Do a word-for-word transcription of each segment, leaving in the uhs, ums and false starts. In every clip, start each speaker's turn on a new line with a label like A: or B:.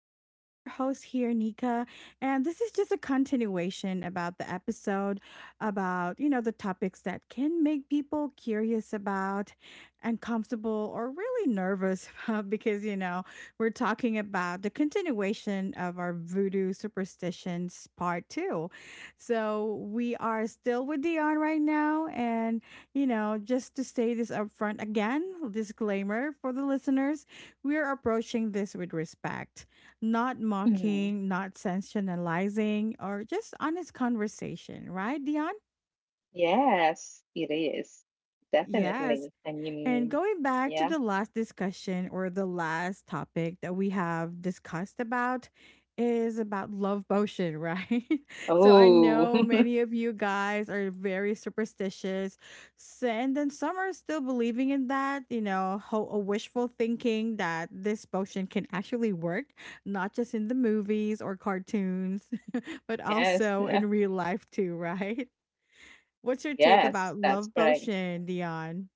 A: I'm still your host here, Nika, and this is just a continuation about the episode about, you know, the topics that can make people curious about, uncomfortable, or really nervous about because, you know, we're talking about the continuation of our voodoo superstitions part two. So we are still with Dion right now, and you know, just to say this upfront again, disclaimer for the listeners, we are approaching this with respect, not
B: Mhm.
A: mocking, not sensationalizing, or just honest conversation, right, Dion?
B: Yes, it is.
A: Yes.
B: Definitely. I
A: And
B: mean,
A: going back to
B: yeah.
A: the last discussion or the last topic that we have discussed about is about love potion, right? So I
B: Oh,
A: know many of you guys are very superstitious. So, and then some are still believing in that, you know, ho- a wishful thinking that this potion can actually work, not just in the movies or cartoons, but
B: yes.
A: also
B: Yeah,
A: in real life too, right? What's your take
B: yes,
A: about
B: that's
A: love
B: correct.
A: potion, Dion?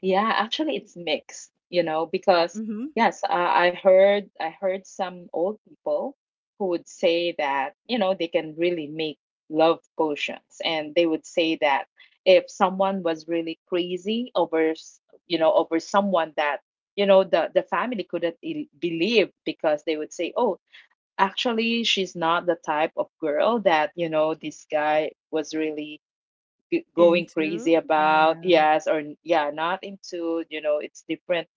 B: Yeah, actually, it's mixed, you know, because
A: Mm-hmm.
B: yes, uh, I heard I heard some old people who would say that, you know, they can really make love potions, and they would say that if someone was really crazy over, s- you know, over someone that, you know, the the family couldn't i- believe, because they would say, "Oh, actually, she's not the type of girl that, you know, this guy was really g- going crazy
A: Into?
B: about."
A: Yeah.
B: Yes, or yeah, not into, you know, it's different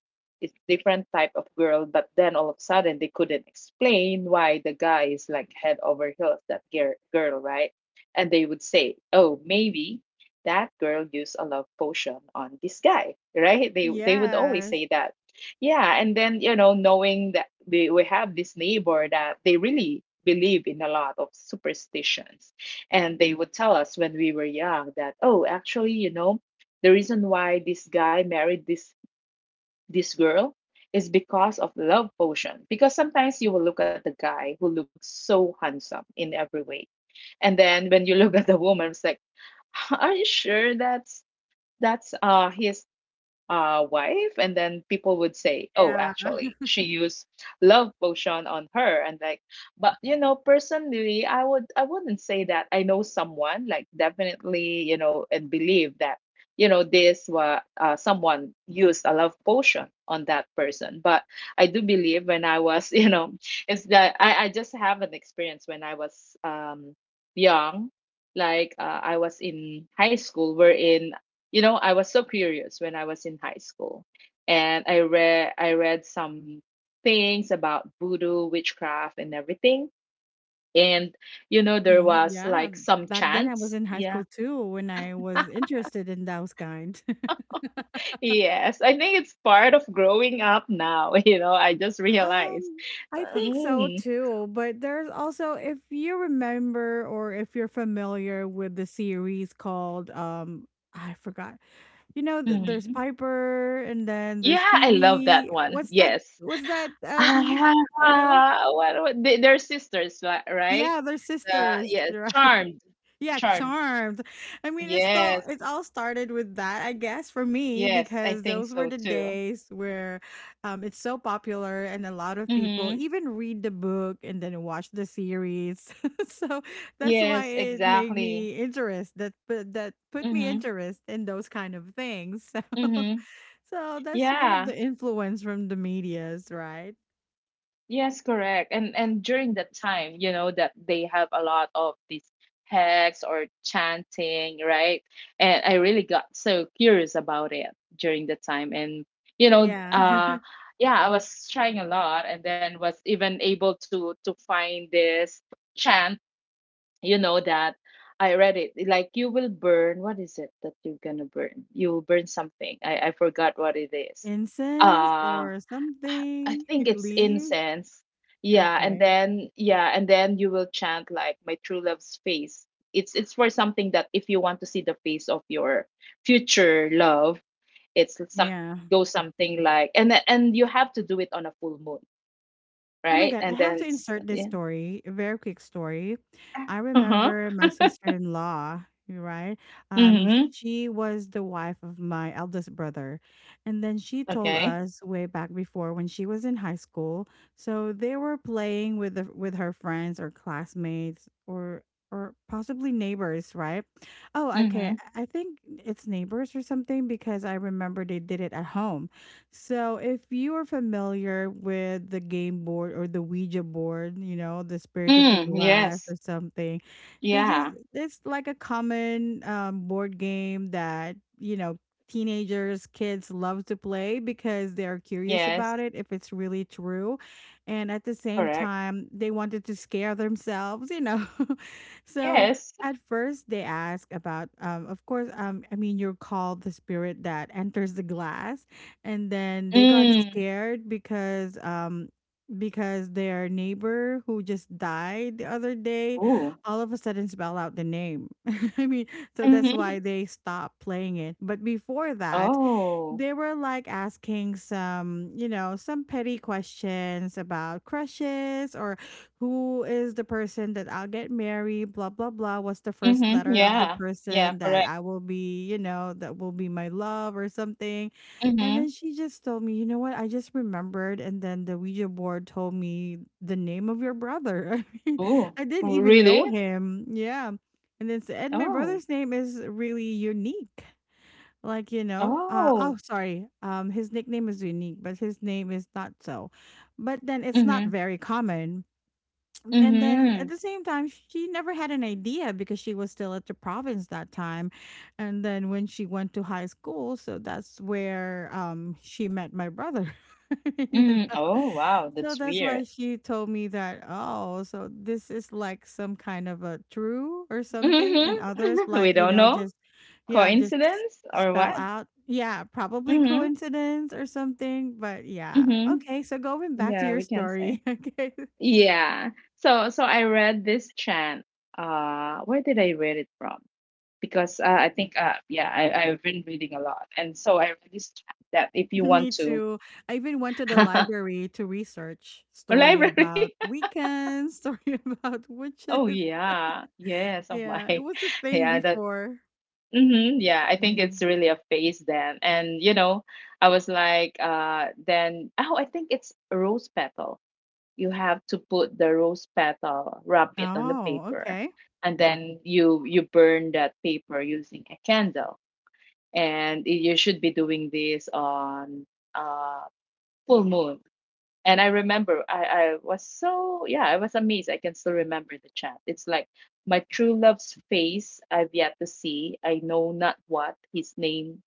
B: it's different type of girl, but then all of a sudden they couldn't explain why the guy is like head over heels that girl, girl right. And they would say, oh, maybe that girl used a love potion on this guy, right? They they would always
A: Yes.
B: say that. Yeah, and then, you know, knowing that they, we have this neighbor that they really believe in a lot of superstitions, and they would tell us when we were young that, oh, actually, you know, the reason why this guy married this this girl is because of love potion. Because sometimes you will look at the guy who looks so handsome in every way. And then when you look at the woman, it's like, "Huh, are you sure that's that's uh his uh, wife?" And then people would say, "Oh,
A: Yeah.
B: actually, she used love potion on her." And, like, but, you know, personally, I would I wouldn't say that. I know someone, like, definitely, you know, and believe that, you know, this was, uh, someone used a love potion on that person. But I do believe, when I was, you know, it's that i, I just have an experience when I was um young, like, uh, I was in high school, wherein, you know, I was so curious when I was in high school, and I read I read some things about voodoo, witchcraft, and everything. And, you know, there
A: Mhm.
B: was
A: Yeah.
B: like some
A: Back then I was
B: chants.
A: in high
B: Yeah.
A: school too when I was interested in those kind.
B: Yes, I think it's part of growing up now. You know, I just realized.
A: Um, I think so
B: Mm,
A: too. But there's also, if you remember or if you're familiar with the series called, um, I forgot. You know, th- there's
B: mhm.
A: Piper and then there's
B: Yeah, I love that
A: Phoebe.
B: one.
A: What's that?
B: Yes.
A: What's that? Um, I don't.
B: Ah, what, what, they, they're sisters, li- right?
A: Yeah, they're
B: Uh,
A: sisters,
B: yes,
A: right.
B: charmed,
A: Yeah,
B: charmed.
A: charmed. I mean, it's still
B: Yes.
A: it all started with that, I guess, for me
B: Yes, I
A: because
B: think
A: those were
B: so
A: the
B: too.
A: days where um, it's so popular and a lot of people
B: Mm-hmm.
A: even read the book and then watch the series. So that's why
B: Yes,
A: it made
B: exactly.
A: me interest that put that put me
B: Mm-hmm.
A: interest in those kind of things. So
B: Mm-hmm.
A: so that's one of
B: Yeah.
A: the influence from the medias, right?
B: Yes, correct. And and during that time, you know, that they have a lot of these hacks or chanting, right? And I really got so curious about it during the time. And, you know,
A: Yeah,
B: uh yeah, I was trying a lot, and then was even able to to find this chant, you know, that I read it, like, you will burn — what is it that you're gonna burn? You will burn something. I I forgot what it is.
A: incense
B: uh
A: or
B: I
A: something
B: think it's
A: leaves.
B: incense. Yeah, and
A: Okay.
B: then yeah and then you will chant, like, "My true love's face." It's it's for something that if you want to see the face of your future love. It's some,
A: Yeah.
B: go, something like, and then- and you have to do it on a full moon,
A: Oh my
B: right?
A: god,
B: And
A: I
B: then
A: have to
B: it's,
A: insert this
B: yeah.
A: story, a very quick story. I
B: Uh-huh.
A: remember my sister-in-law, right? Um,
B: Mm-hmm.
A: she was the wife of my eldest brother. And then she told
B: Okay.
A: us way back before when she was in high school. So they were playing with the, with her friends or classmates or or possibly neighbors, right? Oh, okay.
B: Mm-hmm.
A: I I think it's neighbors or something because I remember they did it at home. So, if you are familiar with the game board or the Ouija board, you know, the spirit of the
B: Mm,
A: glass or
B: yes.
A: something, they just,
B: Yeah.
A: it's like a common um, board game that, you know, teenagers, kids love to play because they are curious
B: Yes.
A: about it, if it's really true. And at the same
B: Correct.
A: time, they wanted to scare themselves, you know. So,
B: Yes.
A: at first they ask about um of course, um I mean, you're called the spirit that enters the glass, and then they got
B: Mm.
A: scared because um because their neighbor who just died the other day
B: Ooh.
A: all of a sudden spell out the name. I mean, so that's
B: Mhm.
A: why they stopped playing it, but before that
B: Oh.
A: they were like asking some, you know some petty questions about crushes or who is the person that I'll get married, blah blah blah. What's the first
B: Mm-hmm.
A: letter of the
B: Yeah. Yeah,
A: person that
B: correct.
A: I will be you know that will be my love or something? And
B: Mm-hmm.
A: then she just told me, "You know what? I just remembered. And then the Ouija board told me the name of your brother." I mean,
B: Ooh.
A: I didn't even know
B: Really?
A: him. Yeah. And then, s- and my
B: Oh.
A: brother's name is really unique. Like, you know, uh, oh,
B: Oh.
A: sorry. Um, his nickname is unique, but his name is not so. But then it's not
B: Mm-hmm.
A: very common, and then at
B: Mm-hmm.
A: the same time she never had an idea because she was still at the province that time. And then when she went to high school, so that's where um she met my brother. you know
B: Mm. Oh, wow.
A: so
B: That's
A: that's why
B: weird.
A: she told me that, oh, so this is like some kind of a true or something, and others
B: Mm-hmm. We
A: like you
B: don't
A: know
B: know.
A: just yeah, just s-
B: Coincidence or
A: spell
B: what?
A: out. Yeah, probably
B: Mm-hmm.
A: coincidence or something. But yeah, okay,
B: Mm-hmm.
A: so going back to
B: Yeah,
A: your
B: we can say.
A: story. Okay.
B: Yeah. So so I read this chant. Uh, where did I read it from? Because uh, I think, uh, yeah I, I've been reading a lot, and so I really stress that if you want
A: Me
B: to —
A: too. I even went to the
B: a
A: library to research story
B: library,
A: about weekends, story about
B: oh
A: witches.
B: yeah, yes, oh my,
A: Yeah, it was a thing
B: yeah, that,
A: before.
B: hmm, yeah, I think it's
A: Mm.
B: really a phase then, and, you know, I was like, uh then, oh, I think it's a rose petal. You have to put the rose petal, wrap it on the
A: Oh,
B: paper,
A: okay.
B: and then you you burn that paper using a candle. And you should be doing this on, uh, full moon. And I remember i i was so, yeah, I was amazed. I can still remember the chant. It's like, "My true love's face I've yet to see. I know not what his name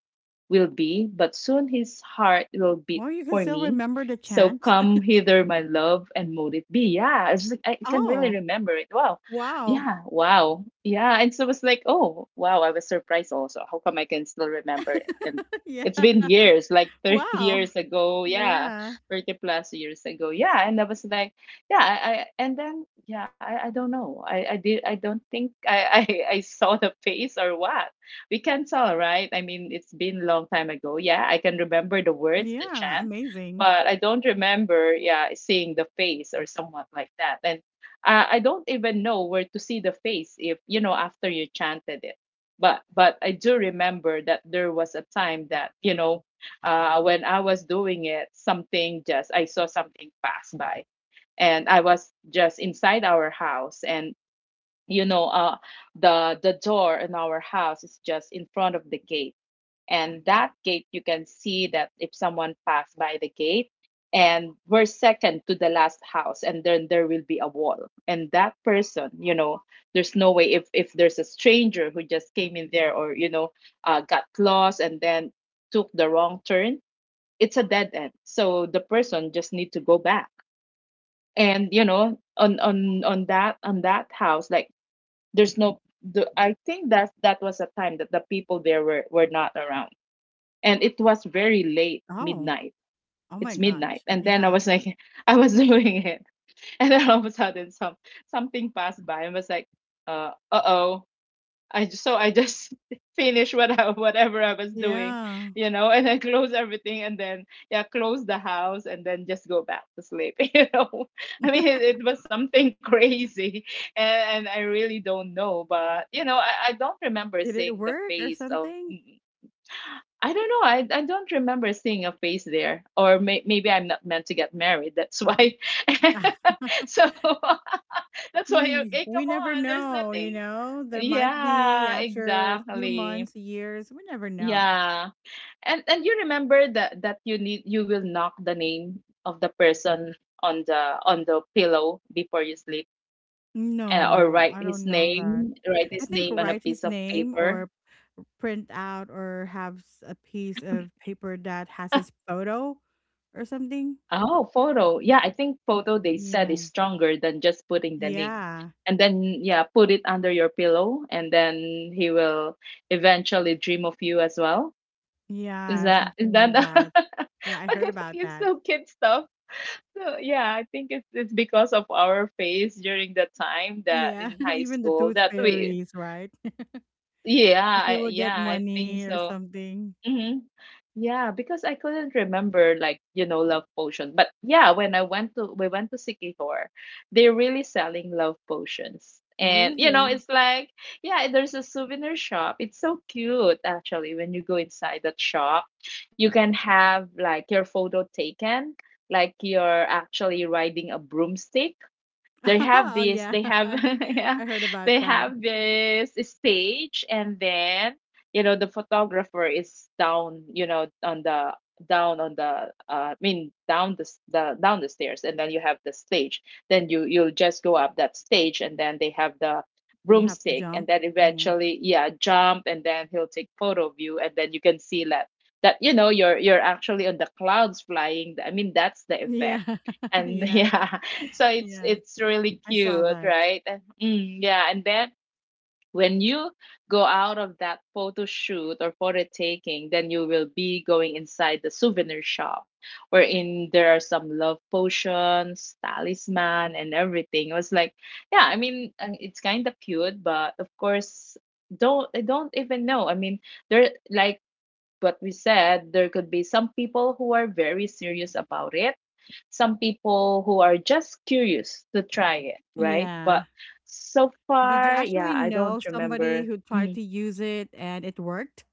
B: will be, but soon his heart will beat
A: Well, you can
B: for
A: still
B: me.
A: remember the
B: So
A: chant.
B: come hither, my love, and mote it be." Yeah, it's just like, I can really
A: Oh,
B: remember it. Wow.
A: wow.
B: Yeah, wow. Yeah. And so it's like, oh, wow, I was surprised also. How come I can still remember it? And it's been
A: Yeah.
B: years, like, thirty
A: Wow.
B: years ago. Yeah,
A: Yeah.
B: thirty plus years ago. Yeah. And I was like, yeah, I, I and then, yeah, I, I don't know. I, I did, I don't think I, I, I saw the face, or what we can tell, right? I mean, it's been a long time ago. Yeah, I can remember the words, the
A: Yeah.
B: chant,
A: Amazing.
B: but I don't remember, yeah, seeing the face or somewhat like that. And, uh, I don't even know where to see the face, if you know, after you chanted it. But but I do remember that there was a time that, you know, uh, when I was doing it, something just, I saw something pass by, and I was just inside our house, and, you know, uh the the door in our house is just in front of the gate, and that gate, you can see that if someone passed by the gate. And we're second to the last house, and then there will be a wall, and that person, you know, there's no way if if there's a stranger who just came in there, or, you know, uh, got lost and then took the wrong turn. It's a dead end, so the person just need to go back. And, you know, on on on that on that house, like, there's no the I think that that was a time that the people there were were not around. And it was very late,
A: Oh,
B: midnight.
A: oh my
B: It's midnight.
A: gosh.
B: And then I
A: Yeah.
B: was like, I was doing it. And then all of a sudden, some something passed by, and was like, uh uh oh, I just, so I just, finish what I, whatever I was doing,
A: Yeah.
B: you know, and then close everything, and then, yeah, close the house, and then just go back to sleep. You know, I mean, it, it was something crazy, and, and I really don't know, but, you know, I, I don't remember
A: Did it
B: seeing the
A: work or
B: face of.
A: something?
B: I don't know. I, I don't remember seeing a face there, or may, maybe I'm not meant to get married. That's why. So that's
A: I
B: why.
A: mean,
B: Okay,
A: we
B: come
A: never
B: on. There's
A: know, you
B: nothing.
A: know? There might be
B: Yeah,
A: after a few
B: exactly.
A: months, years, we never know.
B: Yeah. And and you remember that, that you need you will knock the name of the person on the on the pillow before you sleep. And, or
A: No,
B: write
A: I
B: his
A: don't know that.
B: name, write
A: I
B: his
A: think
B: name on a
A: write
B: piece
A: his
B: of
A: name
B: paper.
A: or print out or have s- a piece of paper that has his photo or something.
B: Oh, photo. Yeah, I think photo, they said,
A: Yeah.
B: is stronger than just putting the name.
A: Yeah.
B: And then, yeah, put it under your pillow, and then he will eventually dream of you as well. Is
A: Yeah,
B: that is
A: something
B: that
A: like that.
B: but
A: Yeah, I
B: I
A: heard
B: think
A: about
B: it's
A: that.
B: so kid stuff. So yeah, I think it's it's because of our phase during the time that
A: Yeah,
B: in high
A: even the
B: school
A: tooth
B: that we,
A: fairies, right?
B: yeah,
A: That they
B: I,
A: will
B: yeah
A: get
B: I think
A: money or
B: so.
A: something.
B: Hmm. Yeah, because I couldn't remember, like, you know, love potion, but yeah, when I went to we went to Sikihor, they're really selling love potions. And, you know,
A: Really?
B: it's like, yeah, there's a souvenir shop. It's so cute actually. When you go inside that shop, you can have, like, your photo taken, like you're actually riding a broomstick. they have
A: Oh,
B: this
A: yeah.
B: they have
A: I
B: yeah,
A: I heard about
B: they
A: that.
B: have this stage, and then, you know, the photographer is down, you know, on the down on the, uh, I mean, down the, s- the down the stairs, and then you have the stage. Then you you'll just go up that stage, and then they have the
A: You have to
B: broomstick, and
A: jump.
B: then
A: Yeah.
B: eventually, yeah, jump, and then he'll take photo of you, and then you can see that that, you know, you're you're actually on the clouds flying, I mean, that's the effect.
A: Yeah.
B: And
A: Yeah.
B: yeah, so it's
A: Yeah.
B: it's really
A: I saw
B: cute,
A: that.
B: right? And- mm, yeah, and then when you go out of that photo shoot or photo taking, then you will be going inside the souvenir shop wherein there are some love potions, talisman, and everything. It was like, yeah, I mean, uh, it's kind of cute, but of course, don't I don't even know, I mean, there, like, what we said, there could be some people who are very serious about it, some people who are just curious to try it, right? But
A: Yeah.
B: so
A: Did you
B: far, yeah,
A: actually
B: I
A: know
B: don't
A: somebody
B: remember.
A: who tried
B: Mm.
A: to use it and it worked?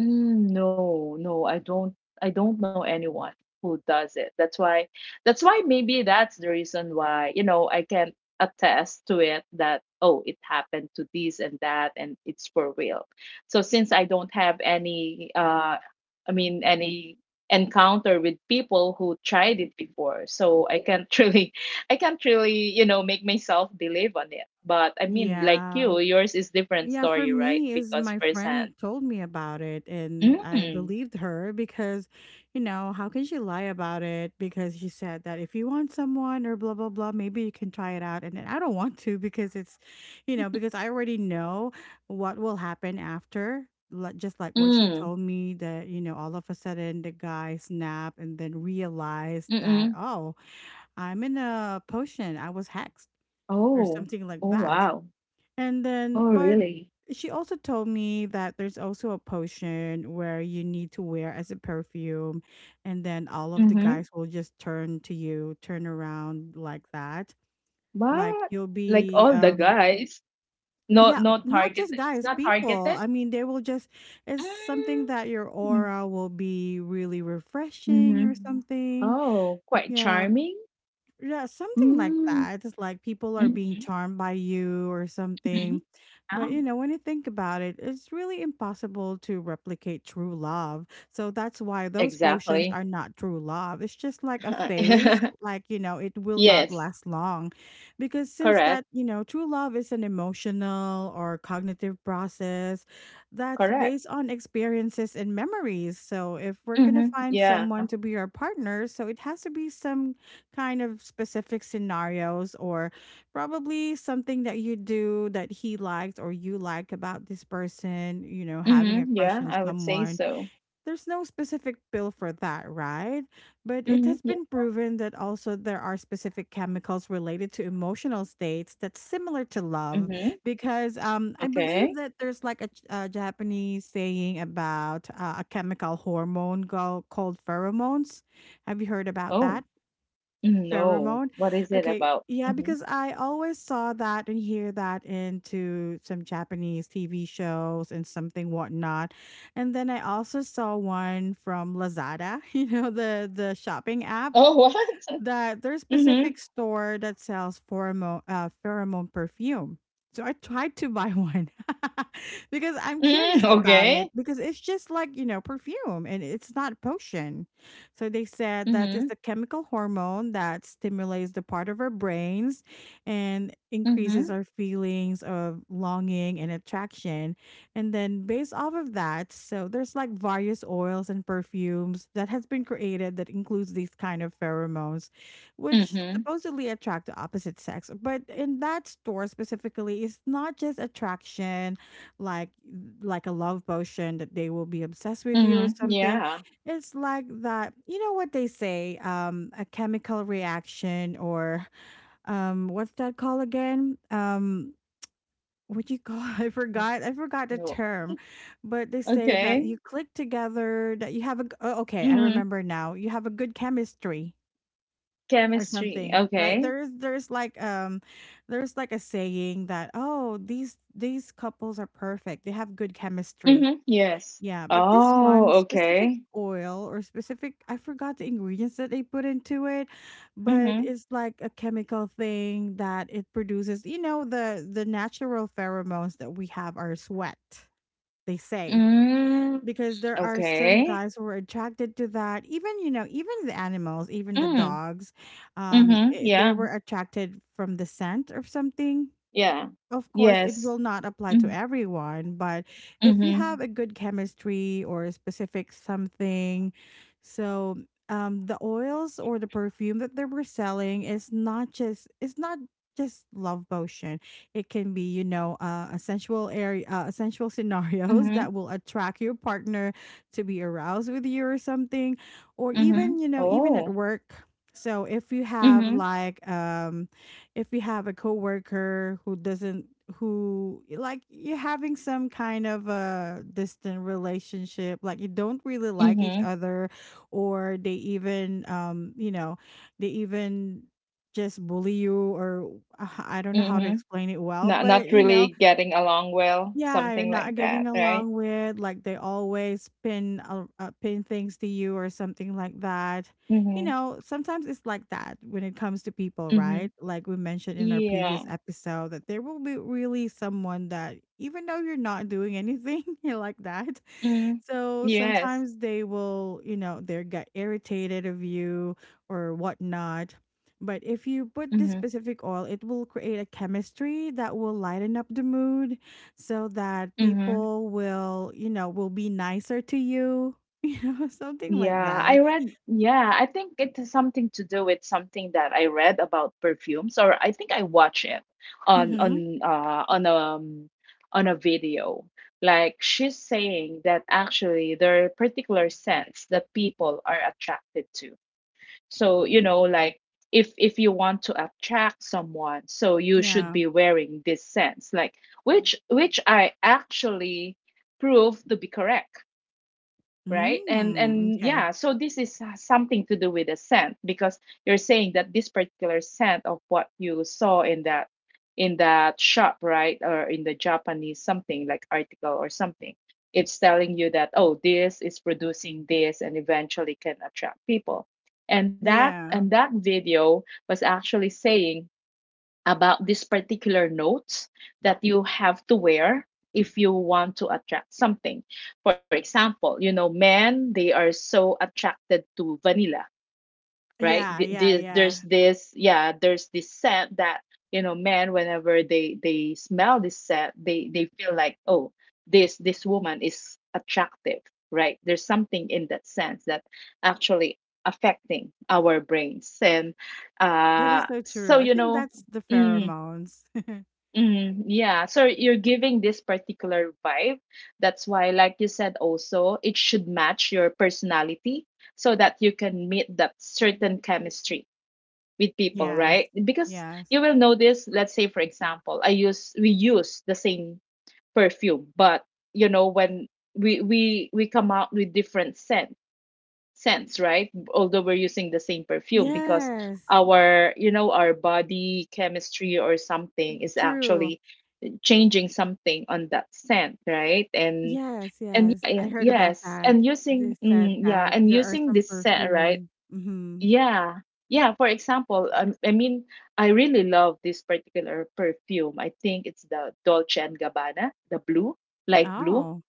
B: Mm, no, no, I don't I don't know anyone who does it. That's why that's why maybe that's the reason why, you know, I can attest to it that, oh, it happened to this and that, and it's for real. So since I don't have any uh I mean any encounter with people who tried it before, so I can't really I can't really, you know, make myself believe on it. But I mean, like
A: Yeah.
B: you, yours is different
A: Yeah, for
B: story, right?
A: me is
B: Because
A: my
B: firsthand.
A: friend told me about it and I
B: Mm.
A: believed her because, you know, how can she lie about it? Because she said that if you want someone or blah blah blah, maybe you can try it out. And then I don't want to because it's, you know, because I already know what will happen after. Li- Just like what she
B: Mm,
A: told me that, you know, all of a sudden the guy snapped and then realized that,
B: mm.
A: oh, I'm in a potion. I was hexed or
B: Oh.
A: something like
B: Oh,
A: that.
B: wow.
A: And then,
B: Oh,
A: but
B: really?
A: she also told me that there's also a potion where you need to wear as a perfume, and then all of the
B: Mhm.
A: guys will just turn to you, turn around like that. Like
B: But
A: you'll
B: like
A: be,
B: all the
A: um,
B: guys, no
A: yeah,
B: no
A: not
B: targeted.
A: just
B: It's
A: guys,
B: not
A: people.
B: targeted.
A: I mean, they will just, it's something that your
B: Mm.
A: aura will be really refreshing or
B: Mhm.
A: something.
B: Oh, quite
A: Yeah,
B: charming.
A: yeah, something like
B: Mm.
A: that. It's like people are being
B: Mhm.
A: charmed by you or
B: Mhm.
A: something.
B: Yeah.
A: But you know, when you think about it, it's really impossible to replicate true love. So that's why those potions
B: Exactly.
A: are not true love. It's just like a phase, like, you know, it will not
B: Yes,
A: last long. Because since that,
B: correct.
A: you know, true love is an emotional or cognitive process that's
B: Correct.
A: based on experiences and memories. So if we're going to
B: Mhm.
A: find
B: Yeah.
A: someone to be our partner, so it has to be some kind of specific scenarios or probably something that you do that he liked or you like about this person, you know,
B: Mhm.
A: having a
B: Yeah,
A: crush
B: I
A: on
B: would say
A: someone.
B: so.
A: There's no specific pill for that, right? But it
B: Mhm.
A: has
B: Yeah.
A: been proven that also there are specific chemicals related to emotional states that's similar to love
B: Mm-hmm.
A: because um, I
B: Okay.
A: believe that there's like a, a Japanese saying about uh, a chemical hormone go- called pheromones. Have you heard about
B: Oh.
A: that?
B: No.
A: Pheromone.
B: What is it
A: Okay.
B: about?
A: Yeah,
B: Mhm.
A: because I always saw that and hear that into some Japanese T V shows and something whatnot. And then I also saw one from Lazada, you know, the the shopping app,
B: Oh, what?
A: that there's a specific
B: Mhm.
A: store that sells pheromone uh, pheromone perfume. So I tried to buy one because I'm curious
B: Mm,
A: about it
B: okay.
A: because it's just like, you know, perfume and it's not a potion. So they said that it's a
B: Mhm.
A: chemical hormone that stimulates the part of our brains and increases
B: Mhm.
A: our feelings of longing and attraction. And then based off of that, so there's like various oils and perfumes that has been created that includes these kind of pheromones which
B: Mhm.
A: supposedly attract the opposite sex. But in that store specifically, it's not just attraction, like like a love potion that they will be obsessed with you or
B: Mhm.
A: something.
B: Yeah.
A: It's like that. You know what they say? Um, a chemical reaction or um, what's that called again? Um. What you call? I
B: Mm,
A: forgot. I forgot the
B: no.
A: term, but they say that
B: Okay.
A: you click together. That you have a. G- oh, okay, I
B: Mhm.
A: remember now. You have a good chemistry or
B: Chemistry.
A: something, right?
B: Okay.
A: There's there's like um there's like a saying that, oh, these these couples are perfect, they have good chemistry.
B: Mhm. Yes.
A: Yeah, but this
B: Oh,
A: one specific
B: okay.
A: oil or specific, I forgot the ingredients that they put into it, but
B: Mhm.
A: it's like a chemical thing that it produces, you know, the the natural pheromones that we have are sweat, they say,
B: Mm,
A: because there are some
B: okay.
A: guys who are attracted to that, even, you know, even the animals, even the
B: Mm.
A: dogs. Um
B: Mhm.
A: eh, they
B: Yeah.
A: were attracted from the scent or something.
B: Yeah.
A: Of course, it
B: Yes.
A: will not apply to
B: Mhm.
A: everyone, but if you
B: Mhm.
A: have a good chemistry or a specific something, so um, the oils or the perfume that they were selling is not just, it's not just love potion. It can be, you know uh, a sensual area, uh, a sensual scenarios
B: Mhm.
A: that will attract your partner to be aroused with you or something, or
B: Mhm.
A: even, you know, even at
B: Oh.
A: work. So if you have
B: Mhm.
A: like um if you have a coworker who doesn't, who like you're having some kind of a distant relationship, like you don't really like each
B: Mhm.
A: other, or they even, um you know they even just bully you, or uh, I don't know how to
B: Mhm.
A: explain it well,
B: Not not
A: but you
B: really
A: know
B: getting along well,
A: yeah, you're
B: something like
A: not
B: that,
A: getting
B: right?
A: along with, like they always pin uh, uh, pin things to you or something like that. You
B: Mhm.
A: know, sometimes it's like that when it comes to people,
B: Mhm.
A: right? Like we mentioned in our previous
B: Yeah.
A: episode that there will be really someone that even though you're not doing anything like that,
B: Mm.
A: so
B: Yes.
A: sometimes they will, you know, they get irritated of you or whatnot. But if you put this
B: Mhm.
A: specific oil, it will create a chemistry that will lighten up the mood so that
B: Mhm.
A: people will, you know, will be nicer to you, you know, something like
B: Yeah, I
A: that.
B: read yeah, I think it has something to do with something that I read about perfumes, or I think I watched it on
A: Mm-hmm.
B: on uh on a um, on a video. Like she's saying that actually there are particular scents that people are attracted to. So, you know, like if if you want to attract someone, so you should
A: Yeah.
B: be wearing this sense, like, which which I actually prove to be correct, right? and
A: Mm,
B: and
A: okay.
B: yeah, so this is uh, something to do with the scent, because you're saying that this particular scent of what you saw in that in that shop, right, or in the Japanese something like article or something, it's telling you that, oh, this is producing this and eventually can attract people, and that and
A: Yeah.
B: that video was actually saying about these particular notes that you have to wear if you want to attract something. For example, you know, men, they are so attracted to vanilla, right?
A: Yeah.
B: Th-
A: Yeah.
B: th-
A: Yeah.
B: There's this, yeah, there's this scent that, you know, men, whenever they they smell this scent, they they feel like, oh, this this woman is attractive, right? There's something in that sense that actually affecting our brains. And
A: That is
B: uh,
A: so true.
B: so,
A: I
B: you
A: think
B: know,
A: that's the
B: mm,
A: pheromones.
B: Mm, yeah, so you're giving this particular vibe. That's why, like you said, also, it should match your personality so that you can meet that certain chemistry with people, right?
A: Yes.
B: Because
A: Yes.
B: you will notice, let's say, for example, I use we use the same perfume, but you know, when we we we come out with different scent scents, right? Although we're using the same perfume because
A: Yes.
B: our you know our body chemistry or something is
A: True.
B: actually changing something on that scent, right? And
A: Yes,
B: and yeah,
A: yes,
B: yeah,
A: I heard about
B: yes, and
A: that.
B: using
A: They
B: mm,
A: said
B: yeah,
A: that
B: and
A: there are
B: using
A: some
B: this scent, right?
A: perfume. Hmm.
B: Yeah. Yeah, for example, um, I mean, I really love this particular perfume. I think it's the Dolce and Gabbana, the blue, light blue.
A: Oh,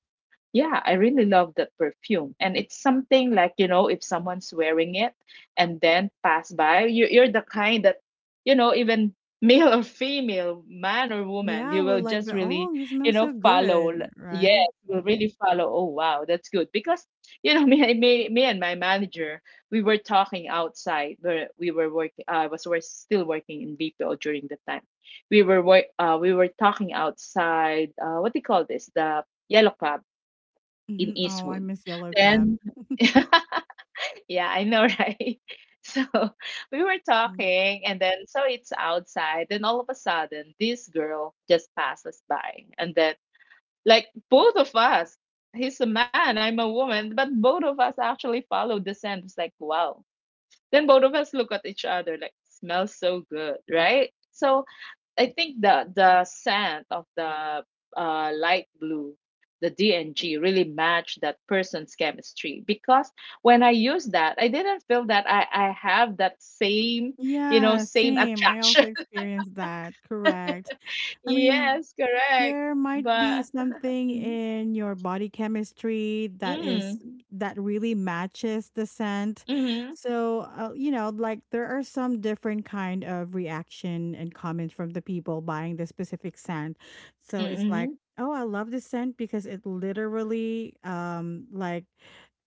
B: Yeah, I really love that perfume. And it's something like, you know, if someone's wearing it and then pass by, you, you're the kind that, you know, even male or female, man or woman,
A: yeah.
B: you
A: Well,
B: will
A: like
B: just
A: the oh,
B: really,
A: you smell
B: you know,
A: so
B: follow. l-
A: good, right?
B: Yes, will really follow. Oh, wow, that's good. Because, you know, me, me, me and my manager, we were talking outside where we were working. I was were still working in B P O during the time. We were, wor- uh, we were talking outside, uh, what do you call this? The Yellow Club
A: Hmm.
B: in
A: Oh, I
B: Eastwood.
A: miss yellow cab.
B: Then, yeah, I know, right? So we were
A: Mm.
B: talking, and then so it's outside. Then all of a sudden, this girl just passes by, and then like both of us, he's a man, I'm a woman, but both of us actually followed the scent. It's like, wow. Then both of us look at each other, like, smells so good, right? So I think the the scent of the uh, light blue, the D N G, really matched that person's chemistry. Because when I used that, I didn't feel that I I have that same you know
A: Yeah,
B: same
A: same. I
B: attraction.
A: also experienced that. Correct. I mean,
B: Yes, correct.
A: there might be
B: But
A: something
B: mm,
A: in your body chemistry that is
B: mm,
A: that really matches the scent.
B: mm,
A: So, uh, you know, like there are some different kind of reaction and comments from the people buying the specific scent. So it's like,
B: mm,
A: oh, I love this scent because it literally, um, like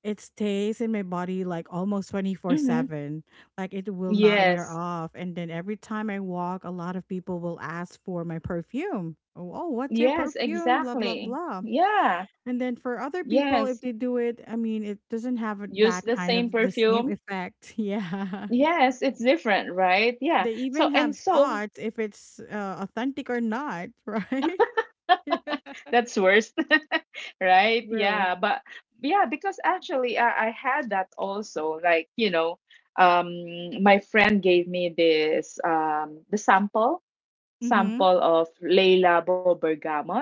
A: it stays in my body like almost 24
B: mm,
A: 7 like it will not wear
B: yes,
A: off, and then every time I walk, a lot of people will ask for my perfume. Oh, oh what's your
B: yes,
A: perfume, blah blah
B: exactly.
A: blah?
B: Yeah,
A: And then for other people,
B: yes.
A: if they do it, I mean, it doesn't have a-
B: Use
A: that
B: the
A: kind
B: same
A: of the same
B: perfume.
A: effect. Yeah,
B: Yes, it's different, right? Yeah.
A: they
B: So
A: even
B: and
A: have
B: so.
A: thoughts if it's uh, authentic or not. Right.
B: That's worse, right?
A: True.
B: Yeah, but yeah, because actually I, I had that also. Like, you know, um, my friend gave me this um the sample
A: Mm-hmm.
B: sample of Le Labo Bergamot,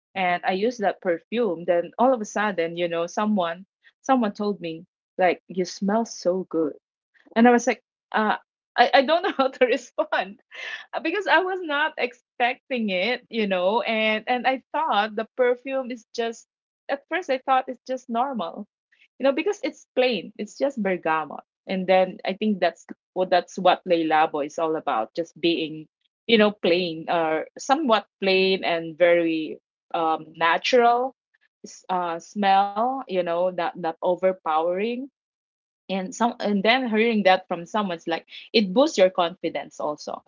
B: and I used that perfume. Then all of a sudden, you know, someone someone told me, like, you smell so good, and I was like, uh, I I don't know how to respond, uh, because I was not expecting it, you know, and and I thought the perfume is just, at first I thought it's just normal, you know, because it's plain, it's just bergamot, and then I think that's what that's what Leilabo is all about, just being, you know, plain or somewhat plain and very um natural s- uh smell, you know, not not overpowering. And some and then hearing that from someone's, like, it boosts your confidence also,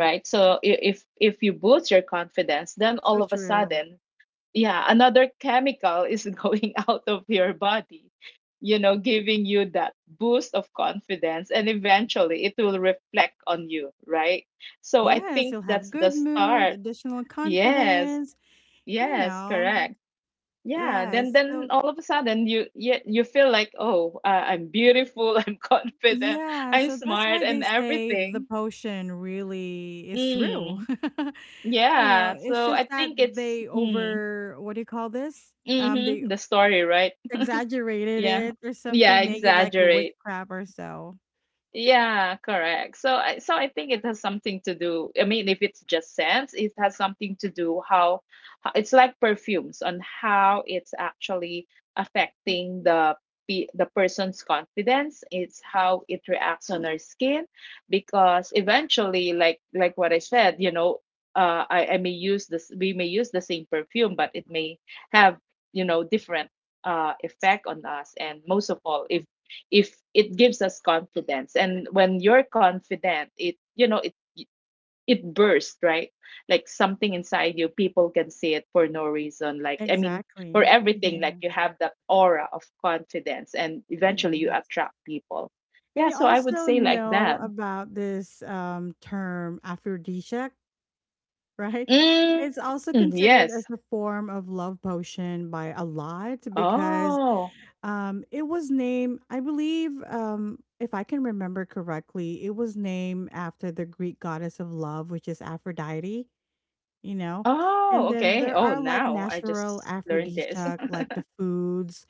B: right, so i- if if you boost your confidence, then all
A: So
B: of a
A: true.
B: sudden, yeah, another chemical is going out of your body, you know giving you that boost of confidence, and eventually it will reflect on you, right, so I
A: Yes,
B: think
A: you'll
B: that's
A: have
B: the
A: good mood,
B: start.
A: additional
B: Yes,
A: confidence, you
B: yes,
A: know.
B: correct, yeah, then
A: Yes,
B: then
A: so,
B: all of a sudden you you, you feel like, oh, uh, I'm beautiful, I'm confident,
A: yeah,
B: I'm
A: so that's
B: smart,
A: why
B: and
A: they say the
B: everything.
A: potion really is true.
B: Mm,
A: You know,
B: yeah,
A: it's
B: so
A: just
B: I
A: that
B: think it's
A: they
B: mm,
A: over, what do you call this? Um, they
B: mhm, the story, right?
A: exaggerated
B: Yeah.
A: it or
B: Yeah,
A: something, make it like a
B: exaggerate.
A: witchcraft or so.
B: Yeah, correct. So, I so I think it has something to do. I mean, if it's just scents, it has something to do how, how it's like perfumes on how it's actually affecting the pe- the person's confidence. It's how it reacts on our skin, because eventually, like like what I said, you know, uh, I I may use this. We may use the same perfume, but it may have you know different uh effect on us, and most of all, if if it gives us confidence, and when you're confident, it you know it it bursts, right, like something inside you people can see it for no reason, like, I mean, for
A: Exactly.
B: everything, like,
A: Yeah.
B: you have that aura of confidence, and
A: Yeah.
B: eventually you attract people.
A: And
B: Yeah,
A: you
B: so I would
A: also
B: say like
A: know
B: that.
A: about this um term aphrodisiac, right?
B: Mm,
A: It's also considered as
B: yes.
A: a form of love potion by a lot, because
B: Oh,
A: Um, it was named, I believe, um, if I can remember correctly, it was named after the Greek goddess of love, which is Aphrodite, you know?
B: oh,
A: And then
B: okay.
A: there
B: Oh,
A: are like
B: now I
A: natural
B: just learned this.
A: aphrodisiac, like the foods,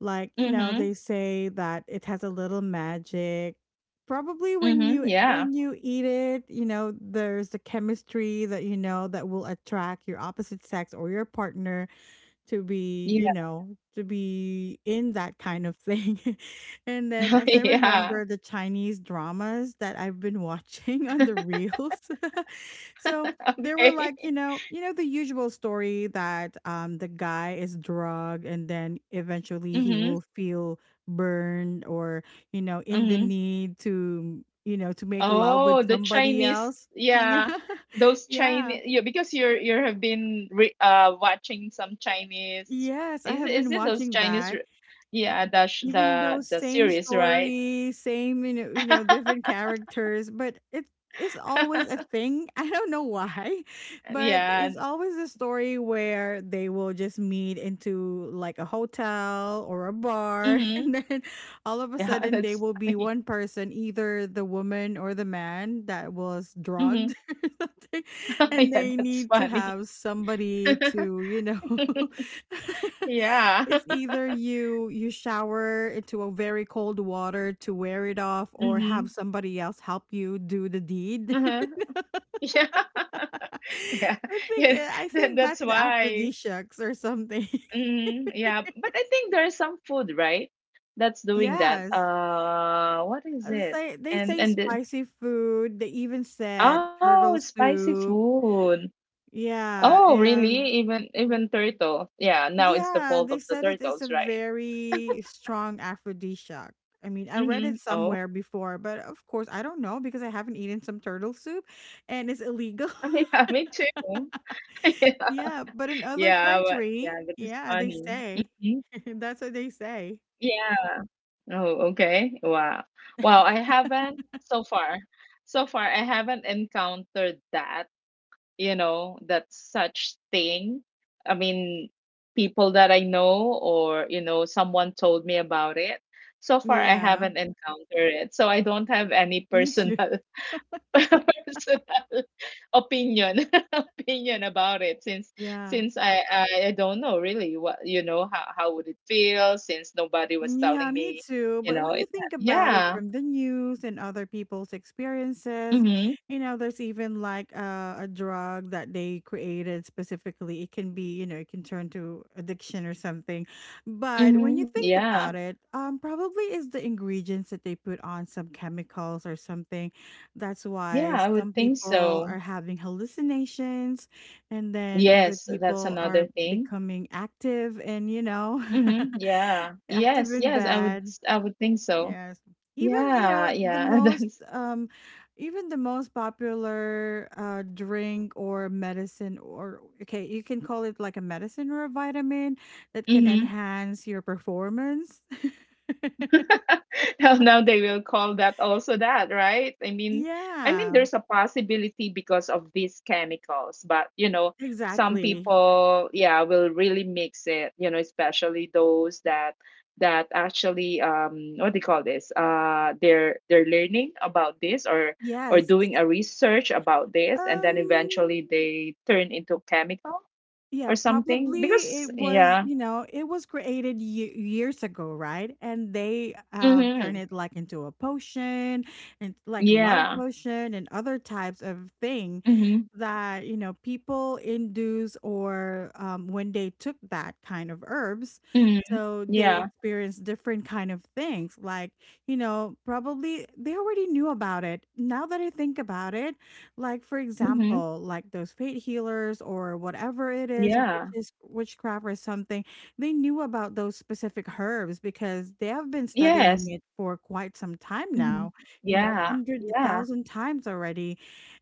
A: like, you know,
B: Mhm,
A: they say that it has a little magic. Probably when
B: mhm,
A: you
B: yeah,
A: when you eat it, you know, there's the chemistry that you know that will attract your opposite sex or your partner to be,
B: yeah.
A: you know, to be in that kind of thing. And then, as I
B: Yeah,
A: remember the Chinese dramas that I've been watching on the reels. So they were like, you
B: okay.
A: know, you know the usual story that um the guy is drugged, and then eventually he
B: Mhm.
A: will feel burned, or, you know, in the
B: Mhm.
A: need to, you know, to make love with
B: Oh, the
A: somebody
B: Chinese,
A: else.
B: yeah,
A: Yeah.
B: those
A: Yeah.
B: Chinese, yeah, because you're you have been re uh watching some Chinese.
A: Yes, I
B: Is it-
A: have
B: is
A: been
B: it those
A: watching
B: Chinese?
A: that.
B: re- Yeah, the sh-
A: Even though
B: the the
A: same
B: series, right?
A: story, same, you know you know, different characters, but it's it's always a thing. I don't know why, but it's
B: Yeah.
A: always a story where they will just meet into like a hotel or a bar,
B: Mm-hmm.
A: and then all of a
B: Yeah,
A: sudden they
B: that's
A: will be
B: funny.
A: one person, either the woman or the man that was
B: Mm-hmm.
A: drugged, or something, and
B: Yeah,
A: they
B: that's
A: need to
B: funny.
A: have somebody to, you know,
B: Yeah.
A: It's either you you shower into a very cold water to wear it off, or
B: Mm-hmm.
A: have somebody else help you do the deed.
B: Uh-huh. Yeah. Yeah.
A: I think
B: Yeah.
A: eh, I
B: That,
A: think
B: that's
A: that's the
B: why.
A: aphrodisiacs or something.
B: Mhm, yeah, but I think there is some food, right? That's doing that.
A: Yes.
B: Uh, what is
A: Uh,
B: it?
A: say they
B: And
A: say
B: and the,
A: spicy food. They even said
B: oh,
A: turtle
B: spicy
A: soup.
B: food.
A: Yeah,
B: Oh,
A: and
B: really? Even even turtle. Yeah, now it's the
A: yeah,
B: fault
A: they
B: of the
A: said that it's a
B: turtles, right?
A: very strong aphrodisiac. I mean, I read it
B: Mm-hmm. Oh,
A: somewhere before, but of course, I don't know because I haven't eaten some turtle soup, and it's illegal.
B: I mean, yeah, me too.
A: Yeah, but
B: Yeah,
A: in other
B: yeah, but
A: country,
B: yeah, but it's
A: yeah, they
B: funny.
A: say.
B: Mhm.
A: That's what they say.
B: Yeah. Oh, okay. Wow. Wow, I haven't so far. So far, I haven't encountered that. You know, that such thing. I mean, people that I know or, you know, someone told me about it. So far, I
A: Yeah,
B: haven't encountered it. So I don't have any
A: me
B: personal
A: too.
B: personal opinion opinion about it since
A: Yeah.
B: since I, I I don't know really what you know how how would it feel, since nobody was
A: Yeah,
B: telling
A: me
B: me.
A: too.
B: You
A: But
B: know
A: when you
B: it.
A: think about it,
B: Yeah.
A: from the news and other people's experiences,
B: Mm-hmm.
A: you know, there's even like a, a drug that they created specifically. It can be, you know, it can turn to addiction or something. But when you
B: Mm-hmm.
A: think
B: Yeah,
A: about it, um, probably is the ingredients that they put on some chemicals or something. That's
B: yeah,
A: why
B: I would
A: some
B: think
A: people
B: so.
A: are having hallucinations, and then other
B: Yes, that's
A: people
B: another
A: are
B: thing.
A: becoming active and, you know,
B: Mhm, yeah.
A: active
B: Yes,
A: and
B: yes, I would
A: bad.
B: s- I would think so.
A: Yes. Even, you
B: Yeah,
A: know, the
B: yeah.
A: most
B: That's
A: um even the most popular uh drink or medicine or, okay, you can call it like a medicine or a vitamin that can
B: mhm.
A: enhance your performance.
B: Now now they will call that also that, right? I mean I mean
A: Yeah,
B: there's a possibility because of these chemicals, but you know, some
A: exactly.
B: people, yeah, will really mix it, you know, especially those that that actually um what do you call this? Uh they're they're learning about this, or or
A: Yes.
B: doing a research about this, and then eventually
A: Um
B: they turn into chemical
A: Yeah,
B: or something
A: probably
B: because
A: it was,
B: yeah.
A: you know, it was created ye- years ago, right? And they uh, turn
B: Hmm.
A: it like into a potion and like love
B: Yeah.
A: potion and other types of thing
B: Hmm.
A: that, you know, people induce, or um, when they took that kind of herbs.
B: Hmm.
A: So they
B: Yeah.
A: experienced different kind of things, like, you know, probably they already knew about it. Now that I think about it, like, for
B: Hmm.
A: example, like those fate healers or whatever it is, which
B: Yeah.
A: is witchcraft or something, they knew about those specific herbs because they have been studying
B: Yes.
A: it for quite some time now,
B: Hmm.
A: you know,
B: Yeah,
A: hundred
B: yeah.
A: thousand times already.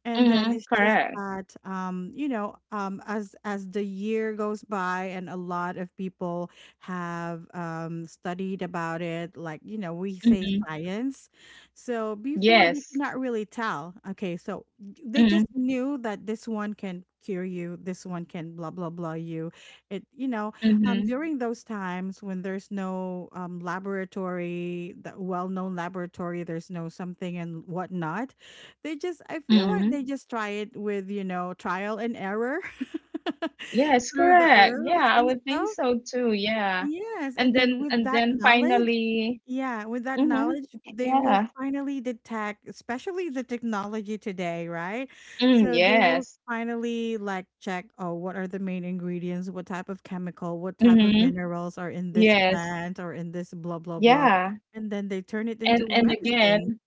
A: And then,
B: Hmm.
A: it's just
B: Correct.
A: that um, you know, um as as the year goes by, and a lot of people have um studied about it, like, you know, we say
B: Hmm.
A: science. So before, they could
B: Yes.
A: not really tell. Okay, so they just
B: Hmm.
A: knew that this one can cure you, this one can blah blah blah, you, it, you know um
B: Hmm.
A: during those times when there's no um laboratory that well-known laboratory, there's no something and whatnot, they just I feel like
B: Hmm.
A: they just try it with, you know trial and error.
B: Yes,
A: Through the
B: correct,
A: herbs
B: yeah, I
A: and
B: would think
A: stuff.
B: so too. Yeah,
A: Yes,
B: and
A: and then,
B: then
A: with
B: and
A: that
B: then
A: knowledge,
B: finally.
A: yeah, with that
B: Hmm.
A: knowledge, they will
B: Yeah.
A: finally detect, especially the technology today, right?
B: Mm,
A: So they will
B: yes.
A: finally like check, oh, what are the main ingredients? What type of chemical? What type of
B: Hmm.
A: minerals are in this
B: Yes.
A: plant or in this, blah, blah, blah?
B: Yeah,
A: And then they turn it into
B: and
A: a
B: and again.
A: medicine.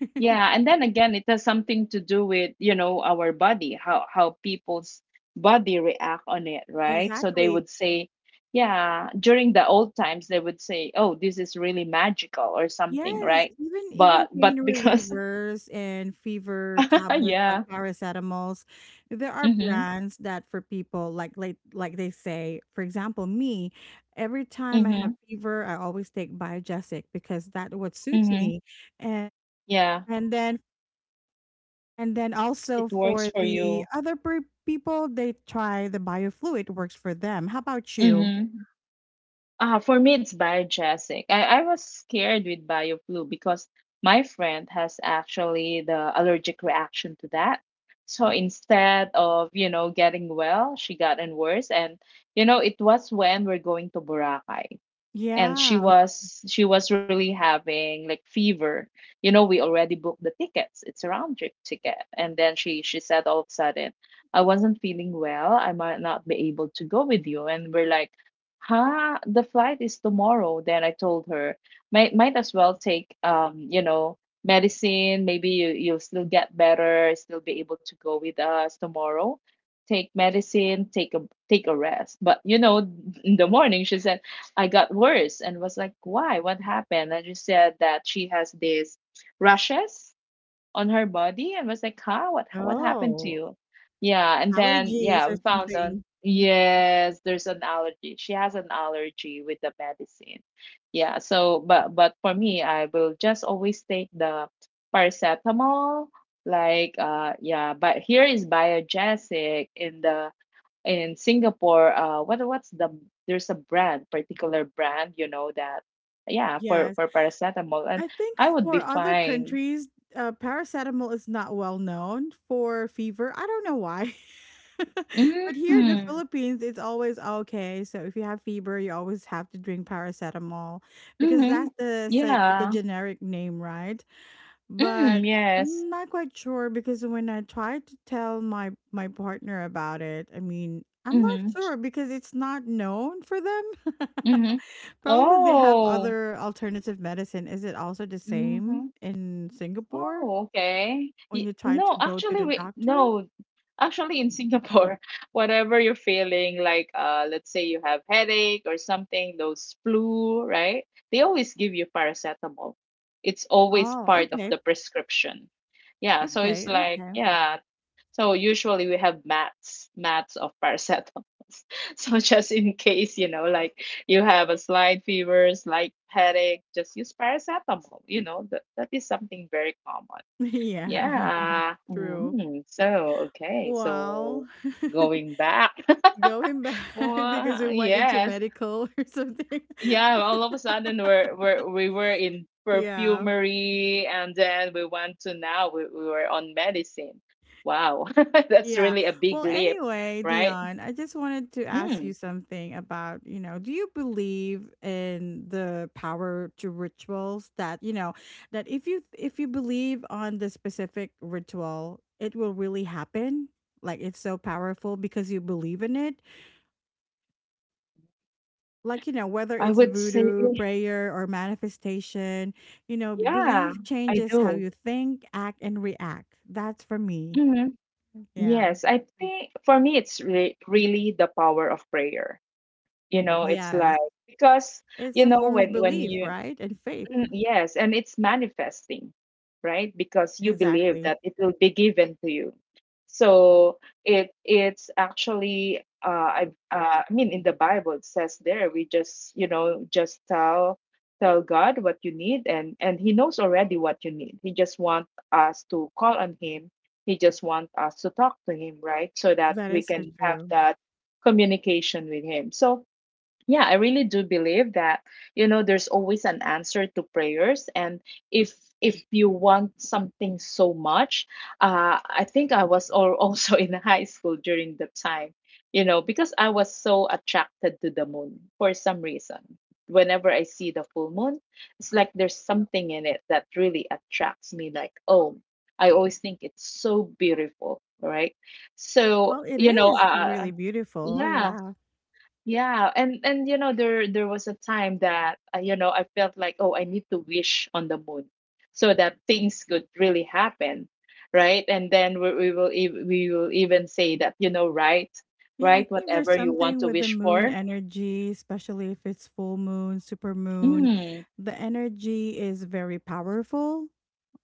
B: Yeah, and then again, it has something to do with, you know, our body, how how people's body react on it, right? So they
A: Exactly.
B: would say, yeah, during the old times they would say, "Oh, this is really magical," or something,
A: Yes,
B: right?
A: even even
B: But but
A: pain
B: because
A: relievers and fever tablets like
B: yeah.
A: paracetamols, there are
B: Mhm.
A: brands that, for people, like like like they say, for example, me, every time I have
B: Mhm.
A: fever, I always take Biogesic because that what suits
B: Mhm.
A: me. And
B: Yeah,
A: and then and then
B: it
A: also,
B: works
A: for
B: for
A: the
B: you.
A: other per people, they try the biofluid works for them. How about you?
B: Mhm. Uh, for me, it's Biogesic. I, I was scared with BioFlu because my friend has actually the allergic reaction to that. So instead of, you know, getting well, she gotten worse. And, you know, it was when we're going to Boracay, and she
A: Yeah.
B: was she was really having like fever you know We already booked the tickets. It's a round trip ticket, and then she she said all of a sudden, "I wasn't feeling well. I might not be able to go with you." And we're like, "Huh? The flight is tomorrow." Then I told her, might might as well take um you know medicine. Maybe you you'll still get better, still be able to go with us tomorrow. Take medicine, take a take a rest." But you know in the morning she said, "I got worse," and was like, "Why? What happened?" And she said that she has these rashes on her body, and was like, "Huh? What what happened to
A: Oh,
B: you?" Yeah. And then,
A: allergies
B: yeah, we
A: or
B: found out,
A: something.
B: yes, there's an allergy. She has an allergy with the medicine. Yeah. So but but for me, I will just always take the paracetamol. Like, uh yeah, but here is biogesic, in the in Singapore, uh, what what's the, there's a brand, particular brand, you know, that, yeah, for
A: Yes.
B: for paracetamol, and
A: I think
B: I would
A: for
B: be
A: other
B: fine.
A: countries, uh, paracetamol is not well known for fever. I don't know why. But here in the
B: Mm,
A: Philippines, it's always okay. So if you have fever, you always have to drink paracetamol because
B: mm-hmm.
A: that's the si- the
B: Yeah.
A: generic name, right?
B: Mm,
A: But
B: yes.
A: I'm not quite sure, because when I tried to tell my my partner about it, I mean, I'm not
B: Mm-hmm.
A: sure because it's not known for them.
B: Mm-hmm.
A: Probably they have
B: Oh.
A: other alternative medicine. Is it also the same
B: Mm-hmm.
A: in Singapore
B: Oh, okay.
A: when
B: Y-
A: you try to
B: no,
A: go to
B: actually,
A: the
B: we
A: doctor?
B: no, actually in Singapore, whatever you're feeling, like, uh, let's say you have headache or something, those flu, right? They always give you paracetamol. It's always
A: Oh,
B: part of
A: okay.
B: the prescription. Yeah, so it's
A: Okay,
B: like,
A: okay.
B: yeah, so usually we have mats, mats of paracetamol. So just in case, you know, like, you have a slight fever, slight headache, just use paracetamol. You know, that, that is something very common.
A: Yeah,
B: Yeah.
A: true.
B: Mm, so, okay. So
A: Well,
B: going back.
A: going back because we
B: Well,
A: went into
B: yes,
A: medical or something.
B: yeah, all of a sudden we're, we're we were in
A: Yeah.
B: perfumery, and then we went to, now we, we were on medicine. Wow, that's
A: Yeah.
B: really a big
A: Well,
B: leap,
A: anyway,
B: right?
A: Dion, I just wanted to ask you
B: Mm,
A: something about, you know, do you believe in the power to rituals that, you know, that if you if you believe on the specific ritual, it will really happen? Like it's so powerful because you believe in it. Like, you know, whether
B: I
A: it's
B: would say,
A: voodoo, prayer, or manifestation, you know,
B: yeah,
A: belief
B: I
A: changes how
B: do.
A: you think, act, and react. That's for me.
B: Mhm.
A: Yeah.
B: Yes, I think for me it's re- really the power of prayer. You know, it's
A: Yes.
B: like, because
A: It's
B: you
A: a
B: know,
A: form of
B: when when
A: belief,
B: you,
A: right? And faith.
B: mm, yes, and it's manifesting, right? Because you believe
A: Exactly.
B: that it will be given to you. So it, it's actually, uh, I uh, I mean, in the Bible it says there, we just, you know, just tell tell God what you need, and and He knows already what you need. He just wants us to call on Him. He just wants us to talk to Him, right? So that
A: That
B: we
A: is so
B: can have
A: true.
B: that communication with Him. So yeah, I really do believe that, you know, there's always an answer to prayers. And if if you want something so much, uh, I think I was all, also in high school during the time, you know, because I was so attracted to the moon for some reason. Whenever I see the full moon, it's like there's something in it that really attracts me, like, oh, I always think it's so beautiful, right? So,
A: Well, it
B: you know,
A: is
B: uh,
A: really beautiful.
B: yeah,
A: Yeah.
B: yeah, and and you know, there there was a time that, uh, you know, I felt like, oh, I need to wish on the moon so that things could really happen, right? And then we, we will ev- we will even say that, you know, right,
A: Yeah, I
B: right,
A: think there's
B: whatever you want
A: something
B: to
A: with the
B: wish
A: moon
B: for.
A: energy, especially if it's full moon, super moon.
B: Mm,
A: The energy is very powerful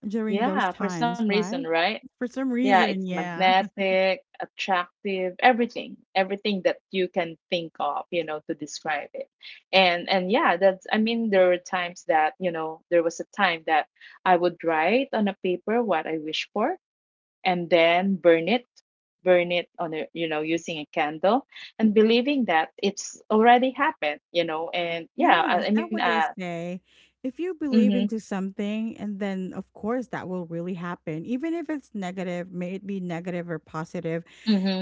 A: during those
B: yeah, for some
A: times,
B: reason,
A: right?
B: right?
A: For some
B: Yeah, it's
A: reason, yeah.
B: magnetic, attractive, everything, everything that you can think of, you know, to describe it. And and yeah, that's, I mean there were times that, you know, there was a time that I would write on a paper what I wish for and then burn it, burn it on a, you know, using a candle, and believing that it's already happened, you know. And yeah,
A: Yes,
B: I, I
A: that's
B: mean,
A: what they
B: uh,
A: say. If you believe
B: mhm,
A: into something, and then of course that will really happen, even if it's negative, may it be negative or positive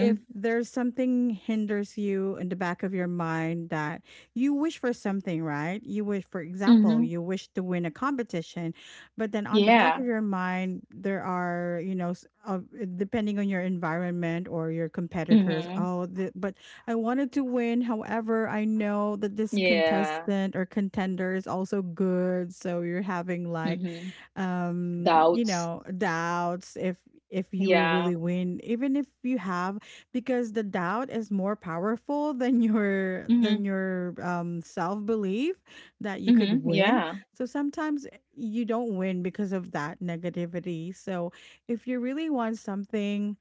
A: if there's something hinders you in the back of your mind that you wish for something, right? You wish, for example,
B: mhm,
A: you wish to win a competition, but then on the back
B: yeah.
A: of your mind, there are, you know, s- uh, depending on your environment or your competitors,
B: Mhm.
A: oh, the, but I wanted to win. However, I know that this
B: Yeah.
A: contestant or contender is also good. So you're having like,
B: Mhm.
A: um, you
B: Doubts.
A: know, doubts if if you will
B: Yeah.
A: really win, even if you have, because the doubt is more powerful than your than
B: Mhm.
A: your um self belief that you could
B: Mhm.
A: win.
B: Yeah.
A: So sometimes eh, you don't win because of that negativity. So if you really want something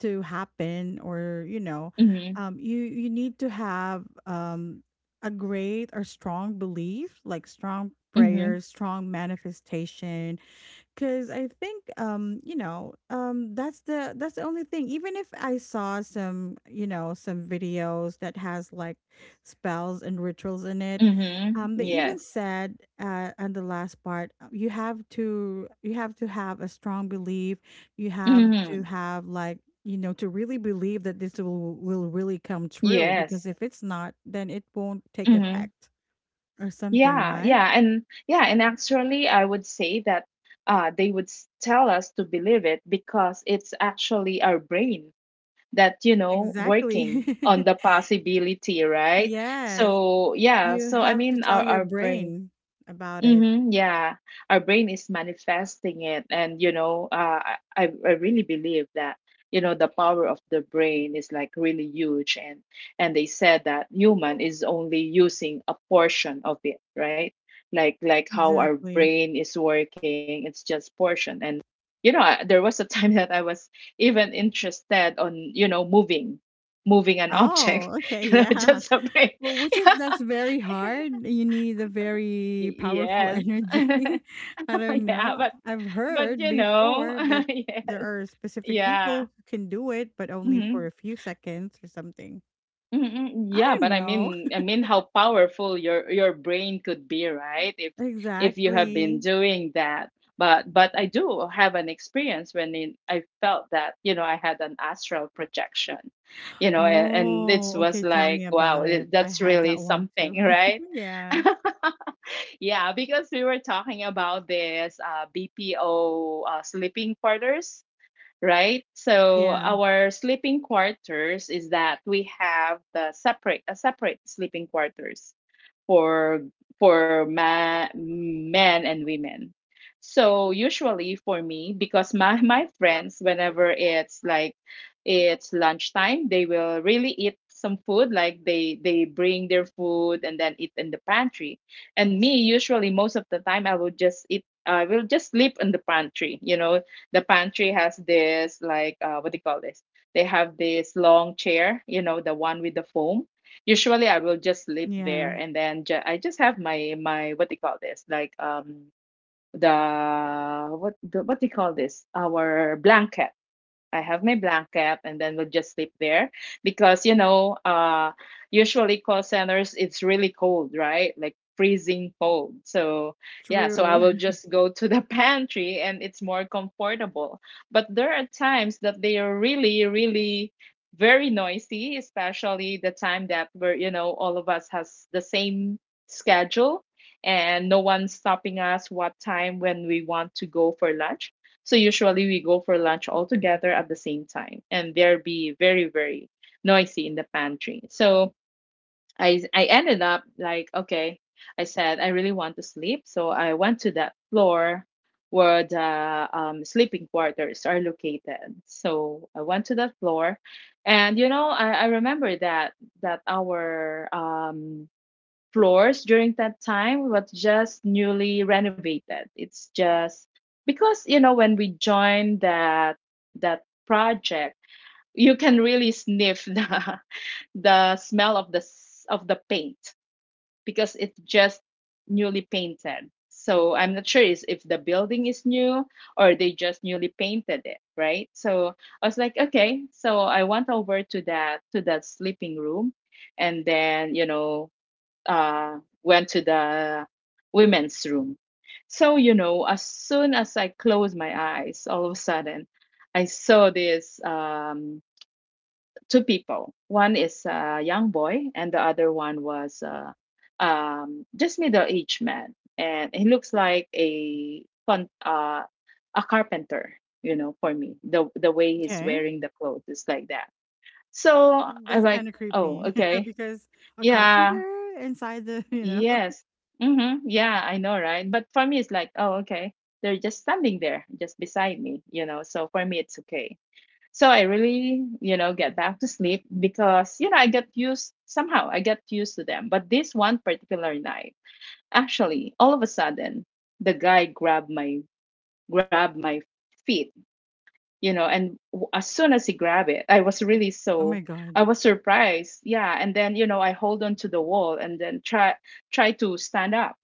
A: to happen, or you know,
B: Mhm.
A: um you you need to have um a great or strong belief, like strong
B: Mhm.
A: prayers, strong manifestation. Cause I think, um, you know, um that's the that's the only thing. Even if I saw some, you know, some videos that has like spells and rituals in it,
B: Mhm.
A: um, they even
B: Yes.
A: said uh on the last part, uh, you have to you have to have a strong belief, you have to
B: Mhm.
A: have like, you know, to really believe that this will will really come true, because
B: Yes.
A: if it's not then it won't take
B: Mhm.
A: effect or something,
B: Yeah.
A: right?
B: Yeah. And yeah. And actually, I would say that, uh, they would s- tell us to believe it because it's actually our brain that, you know,
A: Exactly.
B: working on the possibility, right?
A: Yes.
B: So yeah.
A: You
B: So I
A: have to
B: mean, our
A: tell your
B: our brain.
A: brain about it.
B: Mm-hmm, yeah, our brain is manifesting it, and you know, uh, I I I really believe that, you know, the power of the brain is like really huge, and and they said that human is only using a portion of it, right? Like like how our
A: Exactly.
B: brain is working, it's just portion, and you know, I, there was a time that I was even interested on, you know, moving, moving an object,
A: Oh, okay,
B: you know,
A: yeah.
B: just a brain.
A: Well, which is, that's very hard. You need a very powerful
B: Yeah.
A: energy.
B: Yes.
A: I don't
B: Yeah,
A: know.
B: but
A: I've
B: but
A: heard
B: you know,
A: before that
B: yes,
A: there are specific people
B: yeah,
A: who can do it, but only
B: hmm,
A: for a few seconds or something.
B: hmm,
A: I
B: yeah.
A: don't
B: But I
A: know.
B: mean, I mean, how powerful your your brain could be, right? If if you have been
A: Exactly.
B: doing that. But but I do have an experience when it, I felt that, you know, I had an astral projection, you know, and, and it
A: Oh,
B: was
A: okay. Tell me
B: like, wow,
A: about it.
B: it,
A: I
B: that's
A: had
B: really
A: that one too.
B: something, right?
A: Yeah.
B: Yeah, because we were talking about this, uh, B P O, uh, sleeping quarters, right? So
A: Yeah.
B: our sleeping quarters is that we have the separate, a separate sleeping quarters for for ma- men and women. So usually for me, because my my friends, whenever it's like, it's lunchtime, they will really eat some food. Like they they bring their food and then eat in the pantry. And me, usually most of the time, I will just eat. I will just sleep in the pantry. You know, the pantry has this like, uh, what do you call this? They have this long chair. You know, the one with the foam. Usually I will just sleep there,
A: Yeah.
B: and then ju- I just have my my what do you call this? Like, um the what the, what do you call this? Our blanket. I have my blanket, and then we'll just sleep there, because you know, uh usually call centers, it's really cold, right, like freezing cold. So yeah, so I
A: True.
B: will just go to the pantry, and it's more comfortable, but there are times that they are really, really very noisy, especially the time that we're, you know, all of us has the same schedule, and no one's stopping us what time when we want to go for lunch. So usually we go for lunch all together at the same time, and there be very, very noisy in the pantry. So I I ended up like, okay, I said I really want to sleep, so I went to that floor where the, um, sleeping quarters are located. So I went to that floor, and you know, I, I remember that that our um floors during that time was just newly renovated. It's just because you know, when we joined that that project, you can really sniff the the smell of the s- of the paint, because it's just newly painted. So I'm not sure is if the building is new, or they just newly painted it, right? So I was like, okay. So I went over to that to that sleeping room, and then you know, uh, went to the women's room. So, you know, as soon as I closed my eyes, all of a sudden, I saw these, um, two people. One is a young boy, and the other one was, uh, um, just middle aged man. And he looks like a con- uh, a carpenter, you know, for me. The the way he's
A: Okay.
B: wearing the clothes is like that. So I'm
A: That's
B: like,
A: kind of
B: oh,
A: creepy
B: okay,
A: because a
B: yeah,
A: carpenter inside the, you know,
B: yes. Mm-hmm. Yeah, I know, right? But for me, it's like, oh, okay. They're just standing there, just beside me, you know. So for me, it's okay. So I really, you know, get back to sleep because, you know, I get used somehow, I get used to them. But this one particular night, actually, all of a sudden, the guy grabbed my, grabbed my feet, you know, and w- as soon as he grabbed it, I was really
A: oh my
B: so,
A: god.
B: I was surprised. Yeah, and then, you know, I hold on to the wall and then try, try to stand up,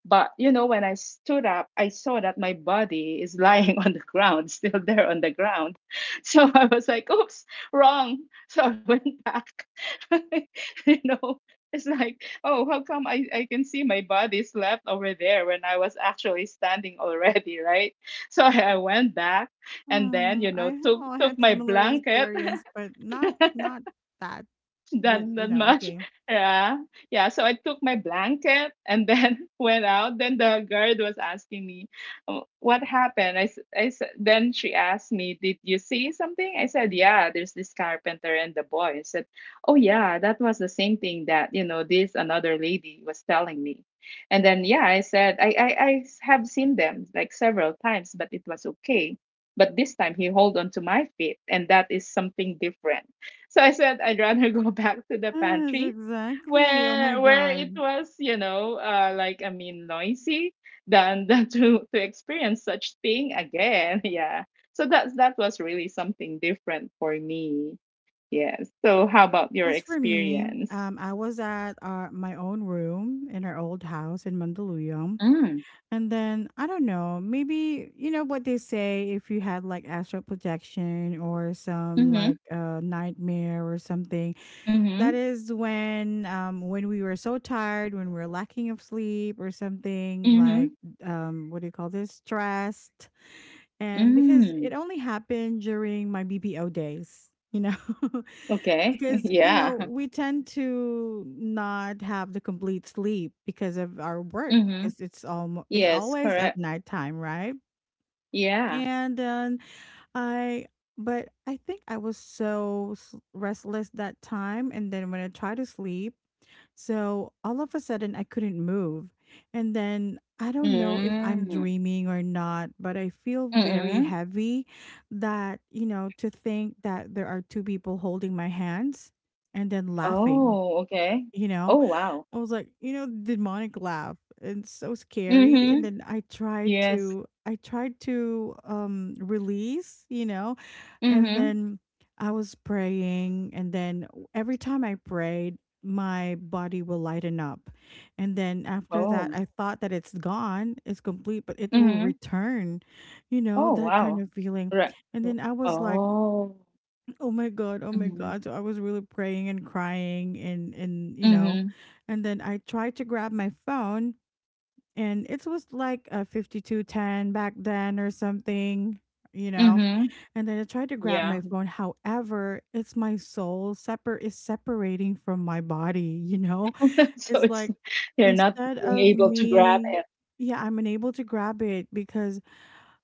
B: but you know, when I stood up, I saw that my body is lying on the ground, still there on the ground. So I was like, oops, wrong. So I went back. You know, it's like, oh, how come I, I can see my body's left over there when I was actually standing already, right? So I, I went back, and then,
A: Oh,
B: you know,
A: I
B: took
A: all
B: took
A: had
B: my
A: similar
B: blanket.
A: experience, but not not that. But
B: Done
A: you
B: that
A: know,
B: much.
A: okay.
B: Yeah. Yeah. So I took my blanket and then went out. Then the guard was asking me, "Oh, what happened?" I, s- I s- then she asked me, "Did you see something?" I said, yeah, there's this carpenter and the boy. I said, oh yeah, that was the same thing that, you know, this another lady was telling me. And then, yeah, I said, I, I, I s- have seen them like several times, but it was okay. But this time he hold on to my feet and that is something different, so I said I'd rather go back to the
A: Yes,
B: pantry
A: exactly. Oh my
B: where where it
A: god.
B: was, you know, uh, like I mean, noisy than than to to experience such thing again. Yeah. So that's that was really something different for me. Yes. So how about your
A: As for me,
B: experience?
A: um, I was at uh, my own room in our old house in Mandaluyong.
B: Mm.
A: And then I don't know, maybe you know what they say, if you had like astral projection or some like
B: Mhm.
A: uh, nightmare or something. That
B: Mhm.
A: is when um when we were so tired, when we are lacking of sleep or something like,
B: Mhm.
A: um what do you call this? Stressed. And because
B: Mm.
A: it only happened during my B P O days, you know.
B: Okay.
A: Because you
B: Yeah.
A: know, we tend to not have the complete sleep because of our work,
B: Mhm.
A: because it's almost it's
B: Yes.
A: always at
B: Correct.
A: nighttime, right?
B: Yeah.
A: And um, I but I think I was so s- restless that time. And then when I tried to sleep, so all of a sudden, I couldn't move. And then I don't know if I'm
B: Mm.
A: dreaming or not, but I feel very
B: Mm.
A: heavy, that, you know, to think that there are two people holding my hands and then laughing,
B: Oh. Okay.
A: you know.
B: Oh. Wow.
A: I was like, you know, demonic laugh. It's so scary. And
B: Mhm.
A: then I tried
B: Yes.
A: to I tried to um release, you know, and
B: Mhm.
A: then I was praying, and then every time I prayed, my body will lighten up. And then after that,
B: Oh.
A: I thought that it's gone, it's complete, but it will
B: Mhm.
A: return, you know,
B: Oh,
A: that kind
B: wow.
A: of feeling.
B: Right.
A: And
B: R
A: then I was like,
B: Oh.
A: oh my god, oh my
B: Mhm.
A: god. So I was really praying and crying, and and you know,
B: Mhm.
A: and then I tried to grab my phone, and it was like a fifty-two ten back then or something, you know.
B: Mhm.
A: And then I tried to grab
B: Yeah.
A: my phone. However, it's my soul separate is separating from my body, you know.
B: So
A: It's
B: it's
A: like
B: they're not
A: instead
B: being
A: of
B: able to grab
A: me,
B: it.
A: yeah, I'm unable to grab it because,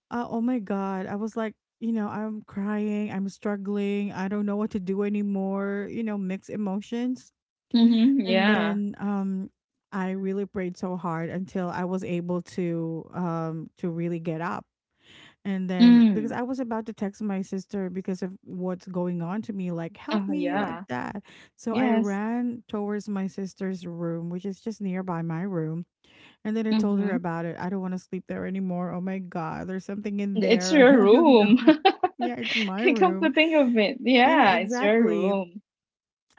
A: uh, oh my god. I was like, you know, I'm crying, I'm struggling, I don't know what to do anymore, you know, mixed emotions.
B: Mhm.
A: And
B: Yeah.
A: then um I really prayed so hard until I was able to um to really get up. And then because
B: Mm.
A: I was about to text my sister because of what's going on to me, like help
B: Oh,
A: me, like
B: yeah.
A: that. So I
B: Yes.
A: ran towards my sister's room, which is just nearby my room, and then I told her
B: Mhm.
A: about it. I don't want to sleep there anymore. Oh my God, there's something in
B: It's
A: there.
B: your
A: I don't
B: room.
A: know. Yeah, it's my
B: I come
A: room.
B: to think of it.
A: Yeah,
B: Yeah, it's your
A: exactly.
B: room.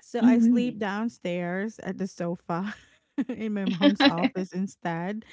A: So I sleep
B: Mhm.
A: downstairs at the sofa in my mom's office instead.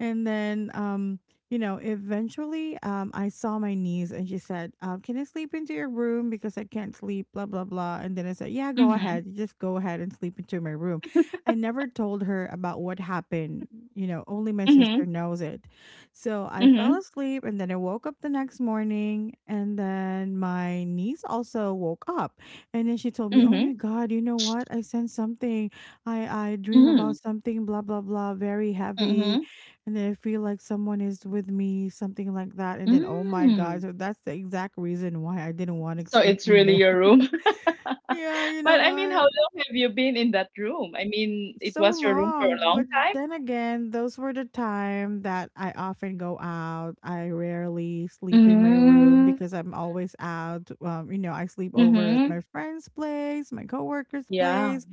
A: And then um you know, eventually, um I saw my niece, and she said, um can I sleep into your room because I can't sleep, blah blah blah. And then I said, yeah, go
B: Mhm.
A: ahead, just go ahead and sleep into my room. I never told her about what happened, you know, only my sister
B: Mhm.
A: knows it. So I fell
B: Mhm.
A: asleep, and then I woke up the next morning, and then my niece also woke up, and then she told me, oh my
B: Mhm.
A: god, you know what, I sensed something. I I dream about
B: Mhm.
A: something, blah blah blah, very heavy,
B: Mhm.
A: and then I feel like someone is with me, something like that. And then, oh my God.
B: Mhm.
A: So that's the exact reason why I didn't want to
B: So
A: sleep
B: it's
A: in
B: really
A: there.
B: your room.
A: Yeah, you know
B: But I mean, how
A: what?
B: long have you been in that room? I mean, it
A: So
B: was your room for a
A: long. But
B: long time?
A: then again, those were the time that I often go out. I rarely sleep in my room
B: Mm.
A: because I'm always out. Um, you know, I sleep over at my
B: Mhm.
A: friend's place, my coworker's
B: Yeah.
A: place.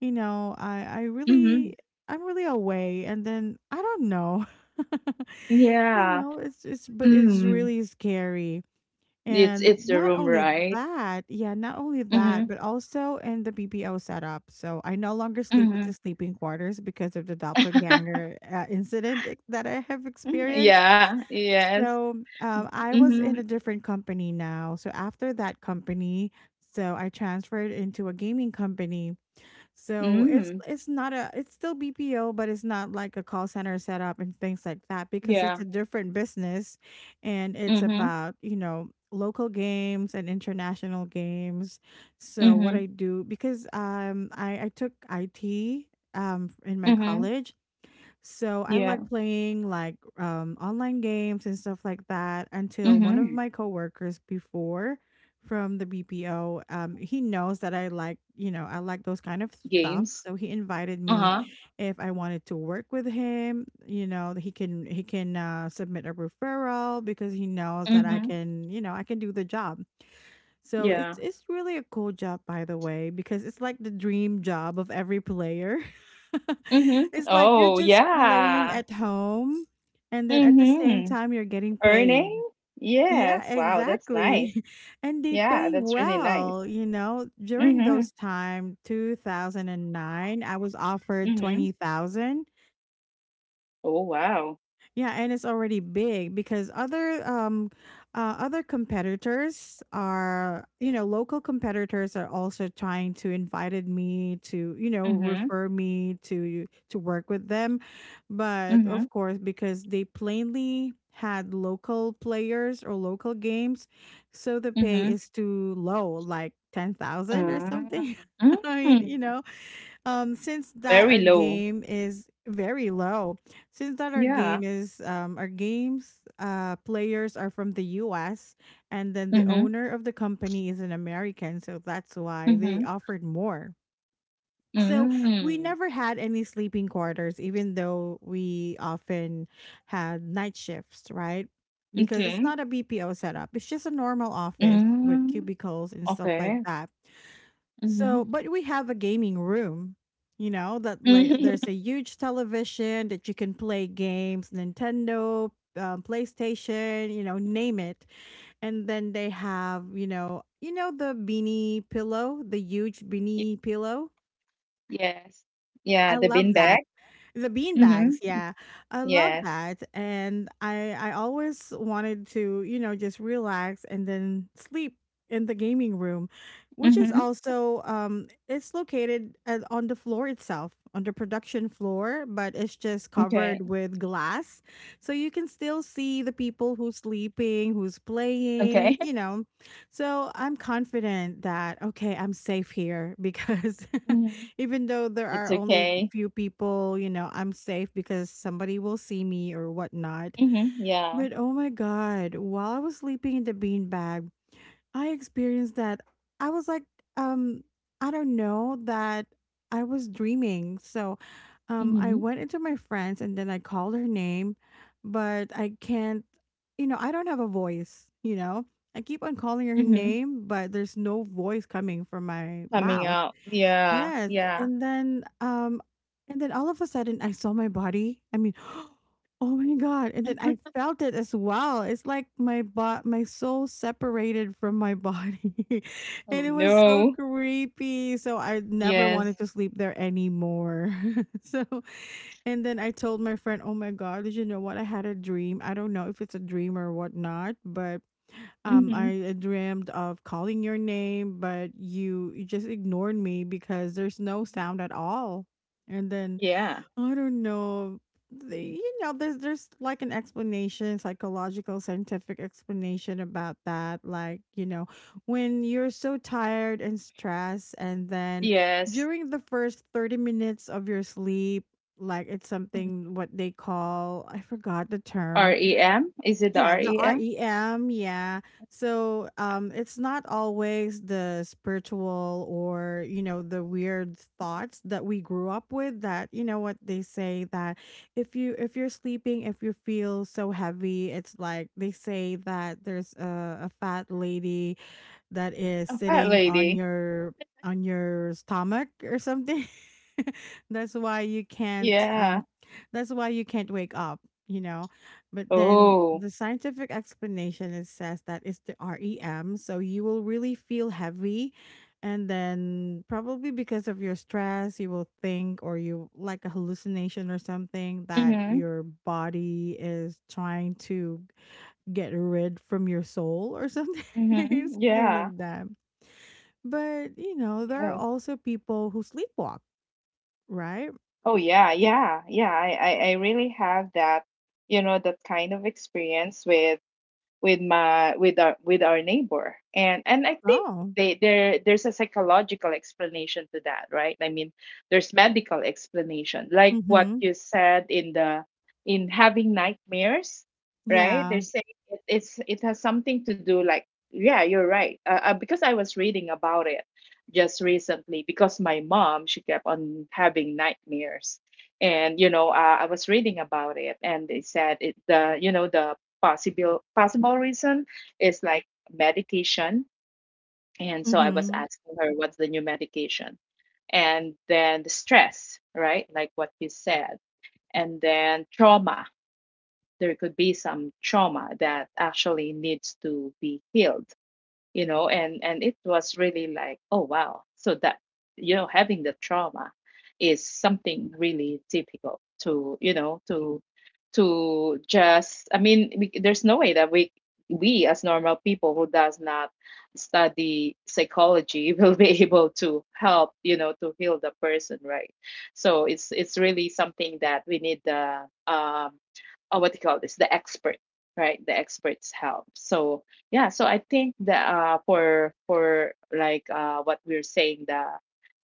A: You know, I, I
B: Mhm.
A: really, I'm really away. And then I don't know. You
B: Yeah.
A: know, it's it's but it's
B: Mm.
A: really scary.
B: It's
A: And
B: it's the
A: not
B: room,
A: only
B: right?
A: that, yeah, not only that,
B: Mhm.
A: but also in the B P O setup. So I no longer sleep at the
B: Mhm.
A: sleeping quarters because of the doppelganger uh, incident ex- that I have experienced.
B: Yeah. Yes.
A: So um, I was in
B: Mhm.
A: a different company now. So after that company, so I transferred into a gaming company. So it's
B: Mm.
A: it's not a it's still B P O, but it's not like a call center setup and things like that, because it's
B: Yeah.
A: a different business, and it's
B: Mhm.
A: about, you know, local games and international games. So what
B: Mhm.
A: I do, because um I, I took I T um in my
B: Mhm.
A: college, so I
B: Yeah.
A: like playing like um online games and stuff like that, until one of
B: Mhm.
A: my coworkers before from the B P O, um he knows that I like, you know, I like those kind of stuff.
B: Games.
A: So he invited me
B: Uh-huh.
A: if I wanted to work with him. You know, he can he can uh submit a referral because he knows that I
B: Mhm.
A: can, you know, I can do the job. So it's
B: Yeah.
A: it's really a cool job by the way, because it's like the dream job of every player.
B: Mhm.
A: It's like you're
B: Oh,
A: just playing
B: yeah.
A: at home, and then at the same
B: Mhm.
A: time you're getting paid.
B: Earning?
A: Yeah,
B: Yes. Wow, that's nice.
A: exactly. And they
B: Yeah,
A: pay
B: that's really
A: well,
B: nice.
A: you know. During
B: Mhm.
A: those time, two thousand nine, I was offered
B: Mhm.
A: twenty thousand,
B: Oh, wow.
A: yeah, and it's already big because other um uh, other competitors are, you know, local competitors are also trying to invited me to, you know,
B: Mhm.
A: refer me to to work with them. But of
B: Mhm.
A: course, because they plainly had local players or local games, so the pay
B: Mhm.
A: is too low, like ten thousand or
B: Mm.
A: something. I mean, you
B: Mm.
A: know, um, since that
B: Very
A: our
B: low.
A: game is very low, since that our
B: Yeah.
A: game is um, our games, uh, players are from the U S, and then the
B: Mhm.
A: owner of the company is an American, so that's why they
B: Mhm.
A: offered more. So we
B: Mm.
A: never had any sleeping quarters, even though we often had night shifts, right? Because it's
B: Okay.
A: not a B P O setup; it's just a normal office with
B: Mm.
A: cubicles and stuff like
B: Okay.
A: that. So,
B: Mhm.
A: but we have a gaming room, you know, that like
B: Y-
A: there's a huge television that you can play games, Nintendo, um, PlayStation, you know, name it. And then they have, you know, you know the beanie pillow, the huge beanie pillow.
B: Yes. Yeah,
A: I
B: the bin
A: love that.
B: bag.
A: The bean
B: Mhm.
A: bags, yeah. I love
B: Yes.
A: that. And I I always wanted to, you know, just relax and then sleep in the gaming room, which is
B: Mhm.
A: also um it's located at, on the floor itself, on the production floor, but it's just
B: Okay.
A: covered with glass. So you can still see the people who's sleeping, who's playing,
B: Okay.
A: you know. So I'm confident that okay, I'm safe here because
B: Mhm.
A: even though there
B: It's
A: are only
B: okay.
A: few people, you know, I'm safe because somebody will see me or whatnot.
B: Mhm. Yeah.
A: But oh my God, while I was sleeping in the beanbag, I experienced that. I was like, um, I don't know that I was dreaming. So um, I
B: Mhm.
A: went into my friends and then I called her name, but I can't, you know, I don't have a voice, you know. I keep on calling her
B: Mhm.
A: name, but there's no voice coming from my
B: Coming
A: mouth.
B: out. Yeah,
A: Yes,
B: yeah.
A: and then um and then all of a sudden I saw my body. I mean, oh my god. And then I felt it as well. It's like my bo- my soul separated from my body. and
B: Oh
A: it was so
B: no.
A: creepy. So I never wanted
B: Yes.
A: to sleep there anymore. so and then I told my friend, "Oh my god, did you know what? I had a dream. I don't know if it's a dream or whatnot, but um
B: Mm-hmm.
A: I dreamed of calling your name, but you you just ignored me because there's no sound at all." And then
B: Yeah.
A: I don't know, the- you know, there's there's like an explanation, psychological, scientific explanation about that. Like you know, when you're so tired and stressed, and then
B: Yes.
A: during the first thirty minutes of your sleep. Like it's
B: Mm.
A: something what they call, I forgot the term.
B: REM? Is it the
A: Yeah,
B: R
A: the
B: E M?
A: R E M, yeah. So
B: A
A: um it's not always the spiritual or, you know, the weird thoughts that we grew up with, that, you know, what they say, that if you if you're sleeping, if you feel so heavy, it's like they say that there's a, a fat lady that is
B: fat
A: sitting on
B: lady.
A: your on your stomach or something. that's why you can't
B: Yeah.
A: um that's why you can't wake up, you know. But then
B: Oh.
A: the scientific explanation is, says that it's the R E M, so you will really feel heavy and then probably because of your stress you will think, or you like a hallucination or something, that
B: Mm-hmm.
A: your body is trying to get rid from your soul or something,
B: Mm-hmm.
A: something
B: Yeah.
A: like that. But you know, there are
B: Yes.
A: also people who sleepwalk, right?
B: Oh yeah, yeah, yeah. I, I, I really have that, you know, that kind of experience with with my with our with our neighbor and and I think
A: Oh,
B: they there there's a psychological explanation to that, right? I mean, there's medical explanation like what
A: mm-hmm.
B: you said in the in having nightmares, right?
A: Yeah,
B: They're saying it, it's it has something to do, like, yeah, you're right, uh, uh, because I was reading about it just recently because my mom she kept on having nightmares. And you know, uh, I was reading about it and they said it the you know the possible possible reason is like medication. And so I was
A: mm-hmm.
B: asking her what's the new medication. And then the stress, right, like what you said, and then trauma. There could be some trauma that actually needs to be healed, you know. And and it was really like, oh wow, so that, you know, having the trauma is something really difficult to, you know to to just, I mean, we, there's no way that we we as normal people who does not study psychology will be able to help, you know, to heal the person, right? So it's it's really something that we need the, um uh, what do you call this, the expert, right? The experts help. So yeah, so I think that, uh for for like, uh what we are saying, the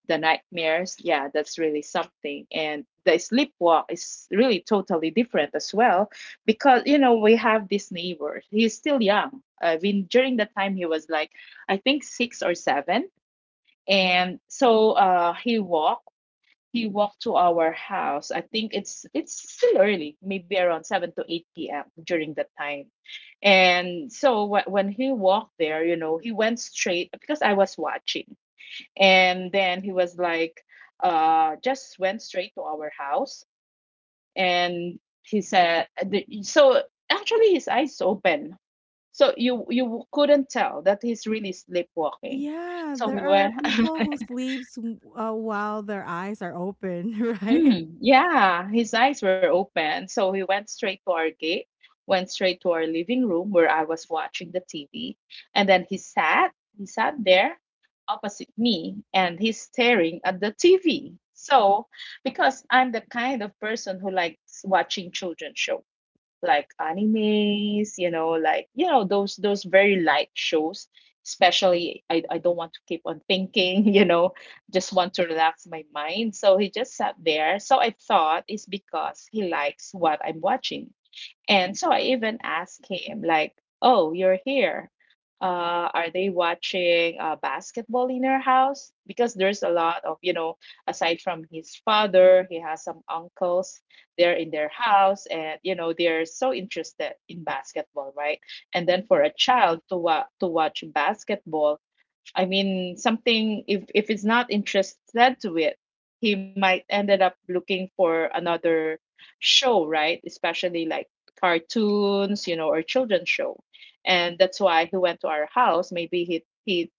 B: the nightmares, yeah, that's really something. And the sleepwalk is really totally different as well because you know we have this neighbor. He's still young. I mean, during the time he was like, I think, six or seven. And so uh he walked he walked to our house. I think it's it's still early, maybe around seven to eight p m during that time. And so wh- when he walked there, you know, he went straight because I was watching. And then he was like, uh, just went straight to our house. And he said, the- so actually his eyes open. So you you couldn't tell that he's really sleepwalking.
A: Yeah.
B: So
A: There
B: we were
A: are people who sleeps w- uh, while their eyes are open, right?
B: mm, yeah, his eyes were open, so he went straight to our gate, went straight to our living room where I was watching the T V, and then he sat, he sat there opposite me, and he's staring at the T V. So, because I'm the kind of person who likes watching children's show, like animes, you know, like, you know those those very light shows. Especially, I I don't want to keep on thinking, you know, just want to relax my mind. So he just sat there. So I thought it's because he likes what I'm watching. And so I even asked him, like, oh, you're here. Uh, are they watching uh, basketball in your house? Because there's a lot of, you know, aside from his father, he has some uncles there in their house, and you know they're so interested in basketball, right? And then for a child to wa- to watch basketball, I mean, something if if it's not interested to it, he might ended up looking for another show, right? Especially like cartoons, you know, or children's show. And that's why he went to our house. Maybe he he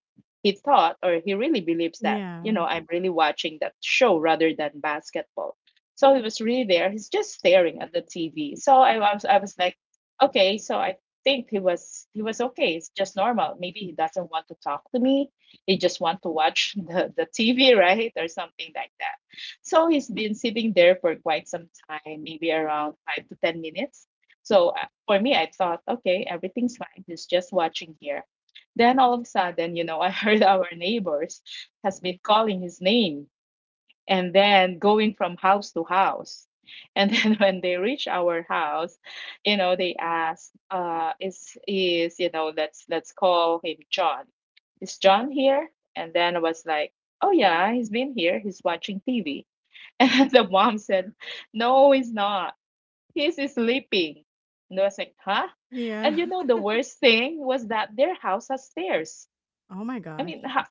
B: he thought or he really believes that, you
A: Yeah,
B: know, I'm really watching that show rather than basketball. So he was really there. He's just staring at the T V. So I was I was like, okay, so I think he was he was okay. It's just normal. Maybe he doesn't want to talk to me, he just want to watch the, the T V, right? Or something like that. So he's been sitting there for quite some time, maybe around five to ten minutes. So uh, for me, I thought, okay, everything's fine. He's just watching here. Then all of a sudden, you know, I heard our neighbors has been calling his name and then going from house to house. And then when they reach our house, you know, they ask, uh, is is, you know, let's let's call him John. Is John here? And then I was like, oh yeah, he's been here, he's watching T V. And the mom said, no, he's not. He's sleeping. And I was like, huh?
A: yeah.
B: And you know the worst thing was that their house has stairs.
A: Oh my
B: I
A: gosh.
B: mean, how,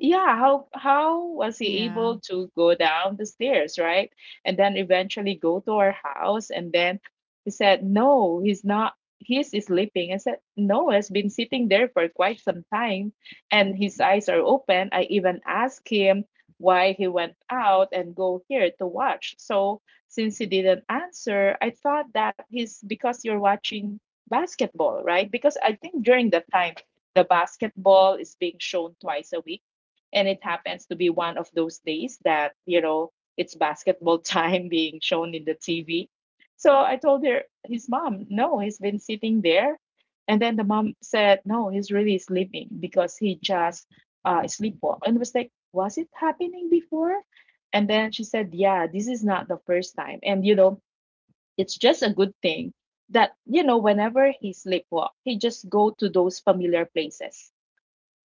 B: yeah, how how was he
A: Yeah.
B: able to go down the stairs, right? And then eventually go to our house. And then he said, no, he's not. He's sleeping. I said, no, he has been sitting there for quite some time, and his eyes are open. I even asked him why he went out and go here to watch. So since he didn't answer, I thought that he's because you're watching basketball, right? Because I think during that time the basketball is being shown twice a week and it happens to be one of those days that you know it's basketball time being shown in the T V. So I told her his mom, no, he's been sitting there, and then the mom said, no, he's really sleeping because he just uh sleepwalked. And I was like, was it happening before? And then she said, yeah, this is not the first time. And you know, it's just a good thing that you know whenever he sleepwalk he just go to those familiar places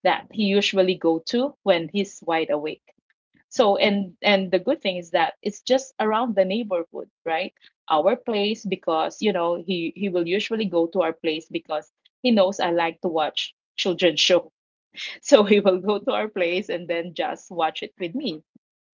B: that he usually go to when he's wide awake. So and and the good thing is that it's just around the neighborhood, right? Our place, because you know he he will usually go to our place because he knows I like to watch children's show so he will go to our place and then just watch it with me,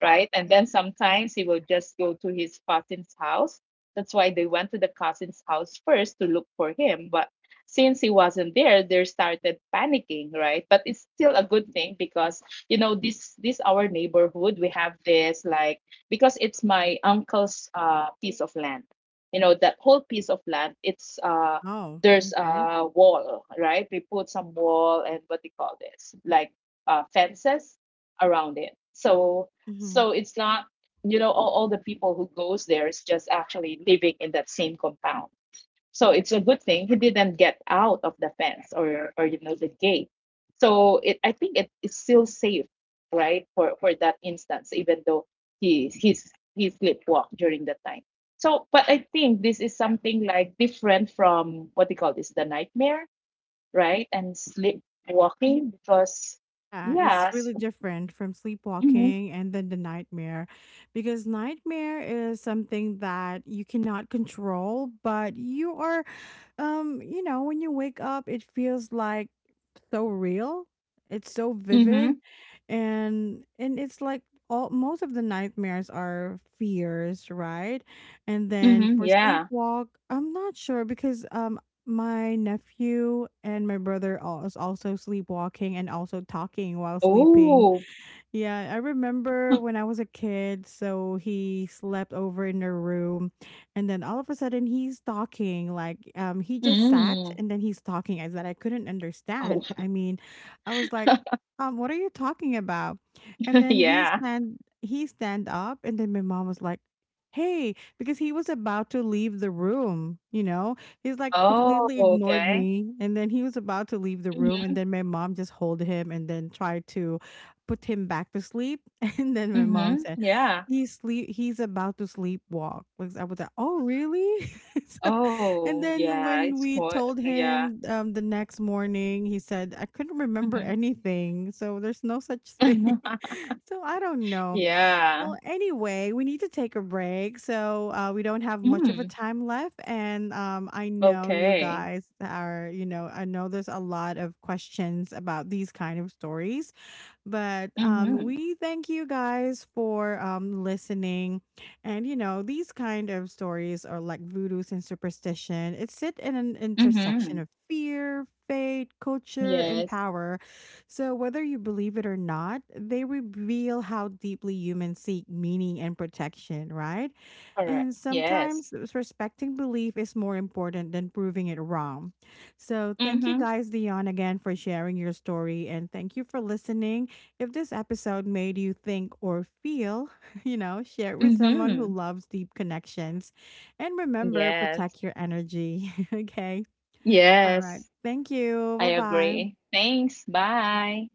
B: right? And then sometimes he will just go to his cousin's house. That's why they went to the cousin's house first to look for him. But since he wasn't there, they started panicking, right? But it's still a good thing because you know this this our neighborhood we have this, like, because it's my uncle's, uh, piece of land. You know that whole piece of land, it's uh
A: Oh,
B: there's
A: okay.
B: a wall, right? We put some wall and what do you call this? Like, uh, fences around it. So
A: Mm-hmm.
B: so it's not, you know, all, all the people who goes there is just actually living in that same compound, so it's a good thing he didn't get out of the fence or or you know the gate. So it I think it is still safe, right, for for that instance, even though he he's he sleepwalked during that time. So but I think this is something like different from what they call this the nightmare, right? And sleepwalking because
A: Yeah, it's
B: yes.
A: really different from
B: Mm-hmm.
A: sleepwalking and then the nightmare, because nightmare is something that you cannot control, but you are, um, you know, when you wake up, it feels like so real. It's so vivid,
B: Mm-hmm.
A: and and it's like all most of the nightmares are fears, right? And then
B: Mm-hmm.
A: for
B: Yeah.
A: sleepwalk, I'm not sure, because um my nephew and my brother al- is also sleepwalking and also talking while sleeping.
B: Oh.
A: Yeah, I remember when I was a kid, so he slept over in their room and then all of a sudden he's talking, like um he just sat
B: Mm.
A: and then he's talking as that I couldn't understand. I mean, I was like, um, what are you talking about? And
B: Oh
A: then he
B: yeah.
A: stand he stand up and then my mom was like, hey, because he was about to leave the room, you know? He's like
B: Oh,
A: completely ignored
B: okay.
A: me and then he was about to leave the room, and
B: Mm-hmm.
A: then my mom just hold him and then tried to put him back to sleep. And then my mom
B: Mhm,
A: said,
B: yeah.
A: he's sleep he's about to sleepwalk. Like I was like, oh really? so,
B: Oh,
A: and then
B: yeah, it's
A: when we
B: quite,
A: told
B: yeah.
A: him um, the next morning, he said, I couldn't remember
B: Mhm.
A: anything. So there's no such thing. so I don't know.
B: Yeah.
A: Well, anyway, we need to take a break. So uh, we don't have much of a
B: Mm,
A: time left. And um, I know you
B: okay.
A: guys are, you know, I know there's a lot of questions about these kind of stories. But um,
B: Mhm,
A: we thank you guys for um, listening. And you know, these kind of stories are like voodoos and superstition. It sit in an intersection
B: mhm.
A: of fear, fate, culture, and
B: Yes,
A: power. So whether you believe it or not, they reveal how deeply humans seek meaning and protection, right?
B: correct.
A: And sometimes,
B: Yes.
A: s- respecting belief is more important than proving it wrong. So, thank you
B: Mhm,
A: guys, Dion, again for sharing your story. And thank you for listening. If this episode made you think or feel, you know, share it with someone who
B: mhm.
A: loves deep connections. And remember,
B: Yes.
A: protect your energy. okay. All right.
B: Yes,
A: Thank you.
B: I
A: Bye
B: agree.
A: bye.
B: Thanks, bye.